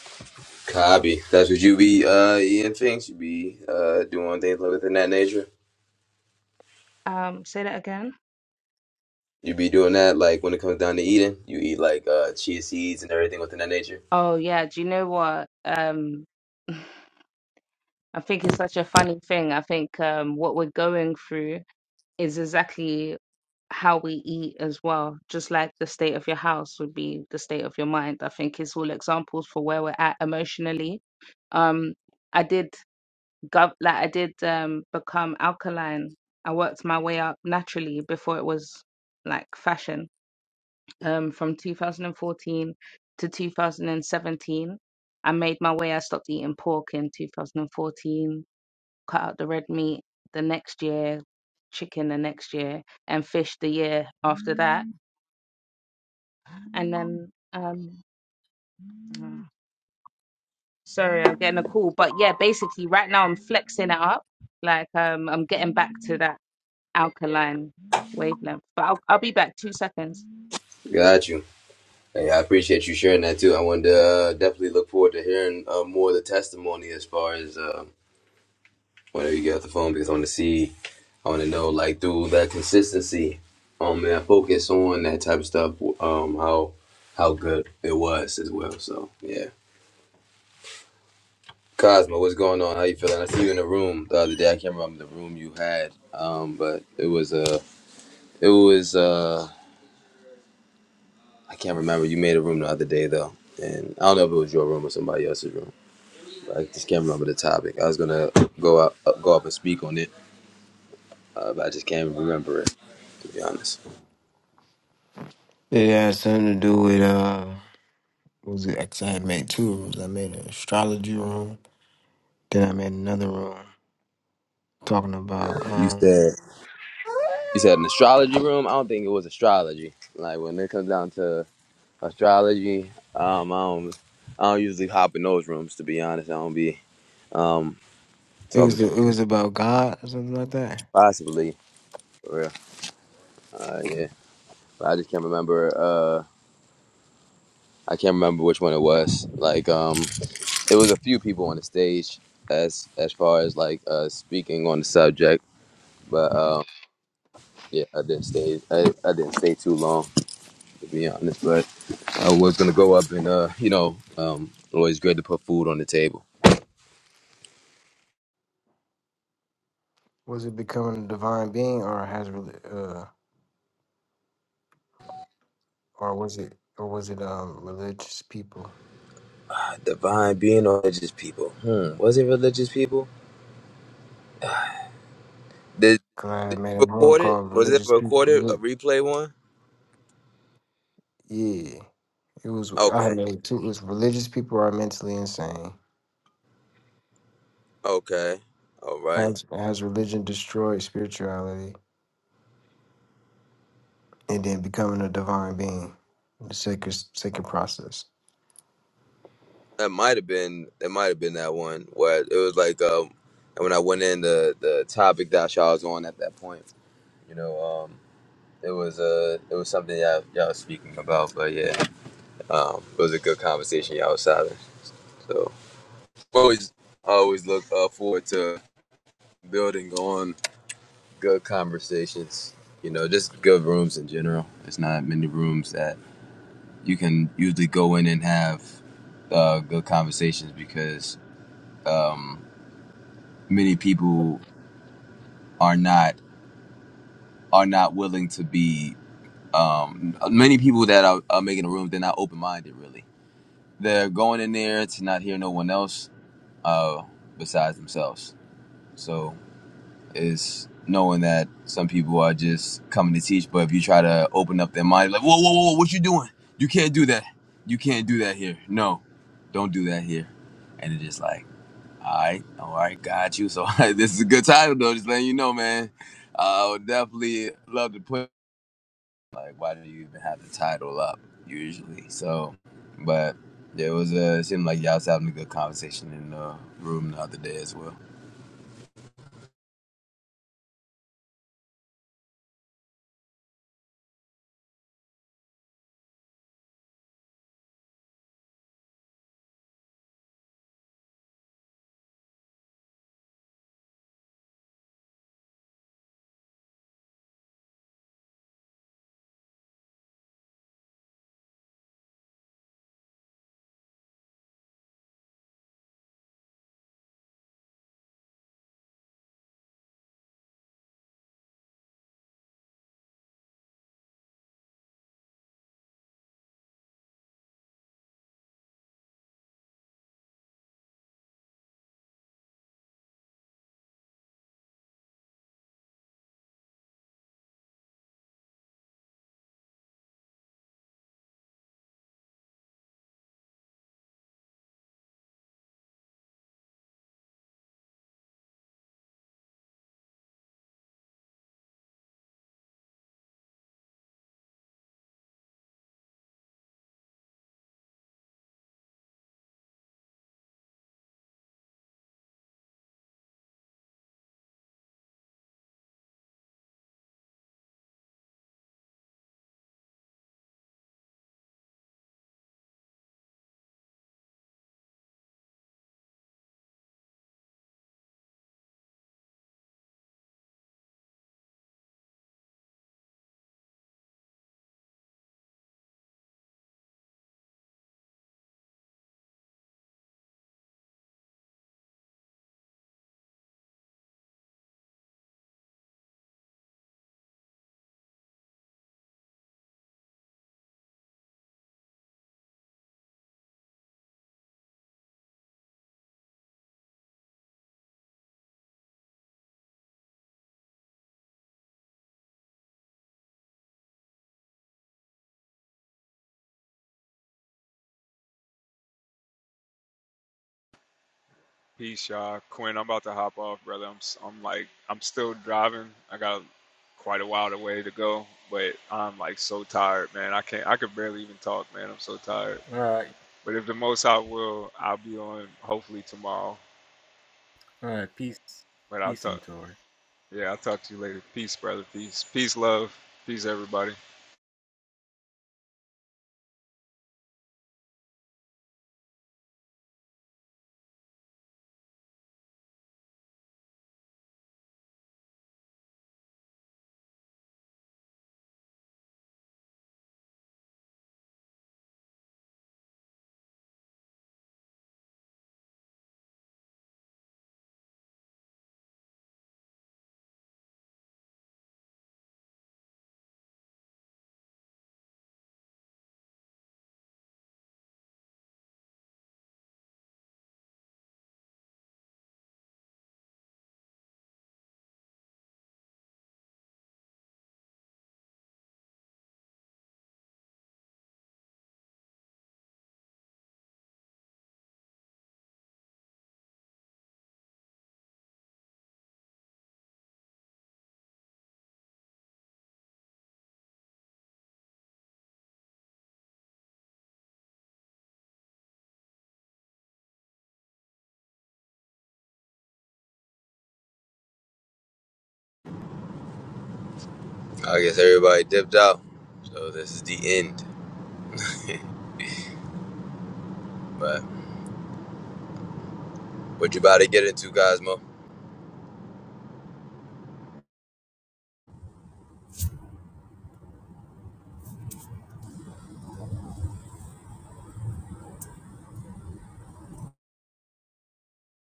D: Copy. That's what you be uh eating things. You be uh doing things like within that nature.
E: Um, say that again.
D: You be doing that like when it comes down to eating. You eat like uh chia seeds and everything within that nature.
E: Oh yeah, do you know what? Um I think it's such a funny thing. I think um, what we're going through is exactly how we eat as well. Just like the state of your house would be the state of your mind. I think it's all examples for where we're at emotionally. Um, I did gov like I did um become alkaline. I worked my way up naturally before it was like fashion. Um, from 2014 to 2017, I made my way. I stopped eating pork in 2014 cut out the red meat the next year, chicken the next year, and fish the year after that. And then, um, Mm. sorry, I'm getting a call, but yeah, basically, right now I'm flexing it up. Like, um, I'm getting back to that alkaline wavelength, but I'll, I'll be back two seconds.
D: Got you. Hey, I appreciate you sharing that too. I wanted to uh, definitely look forward to hearing uh, more of the testimony as far as uh, whenever you get off the phone because I want to see, I want to know like through that consistency, um, and that focus on that type of stuff, um, how how good it was as well. So yeah, Cosmo, what's going on? How you feeling? I see you in the room the other day. I can't remember the room you had, um, but it was uh, it was uh, I can't remember. You made a room the other day though, and I don't know if it was your room or somebody else's room. I just can't remember the topic. I was gonna go up, up go up and speak on it, uh, but I just can't remember it. To be honest,
F: It had something to do with uh, what was it? 'cause I had made two rooms. I made an astrology room, then I made another room talking about
D: you
F: um,
D: said you said an astrology room. I don't think it was astrology. Like when it comes down to astrology, um, I don't I don't usually hop in those rooms. To be honest, I don't be um
F: it was
D: talking
F: it was about God or something like that.
D: possibly for real. Uh, yeah, but I just can't remember. Uh, I can't remember which one it was. Like um, it was a few people on the stage as as far as like uh speaking on the subject. but um, Yeah, I didn't stay. I, I didn't stay too long, to be honest. But I was gonna go up and, uh, you know, um, always great to put food on the table.
F: Was it becoming a divine being, or has reli- uh, or was it or was it um religious people?
D: Ah, Divine being or religious people? Hmm. Was it religious people? Did,
F: Cause I had
D: did
F: made a
D: you
F: room
D: record it?
F: called
D: Was it
F: religious people.
D: recorded? A
F: Reli-
D: replay one?
F: Yeah, it was. I had
D: Okay.
F: made two. It was religious people are mentally insane.
D: Okay. All right.
F: Has has religion destroyed spirituality? and then becoming a divine being, the sacred sacred process.
D: That might have been. That might have been that one where it was like, um, and when I went in the the topic that y'all was on at that point, you know, um, it was uh, it was something y'all y'all was speaking about. But yeah. Um, it was a good conversation y'all was having. So always I always look uh, forward to building on good conversations. You know, just good rooms in general. There's not many rooms that you can usually go in and have uh, good conversations because um, many people are not are not willing to be. Um, many people that are, are making a room, they're not open minded. Really, they're going in there to not hear no one else uh, besides themselves So it's knowing that some people are just coming to teach, but if you try to open up their mind, like, whoa, whoa, whoa, what you doing? You can't do that. You can't do that here. No, don't do that here. And it's just like, all right, all right, got you. So this is a good title though. Just letting you know, man. I would definitely love to put like, why do you even have the title up usually? So, but there was a it seemed like y'all was having a good conversation in the room the other day as well.
A: Peace, y'all. Quinn, I'm about to hop off, brother. I'm s- I'm like I'm still driving. I got quite a while way to go, but I'm like so tired, man. I can't. I could barely even talk, man. I'm so tired.
B: all right
A: But if the most I will, I'll be on hopefully tomorrow.
B: all right peace
A: But I'll
B: peace
A: talk.
B: and Tori.
A: Yeah, I'll talk to you later. Peace, brother. Peace. Peace, love. Peace, everybody.
D: I guess everybody dipped out, so this is the end. But what you about to get into, Cosmo?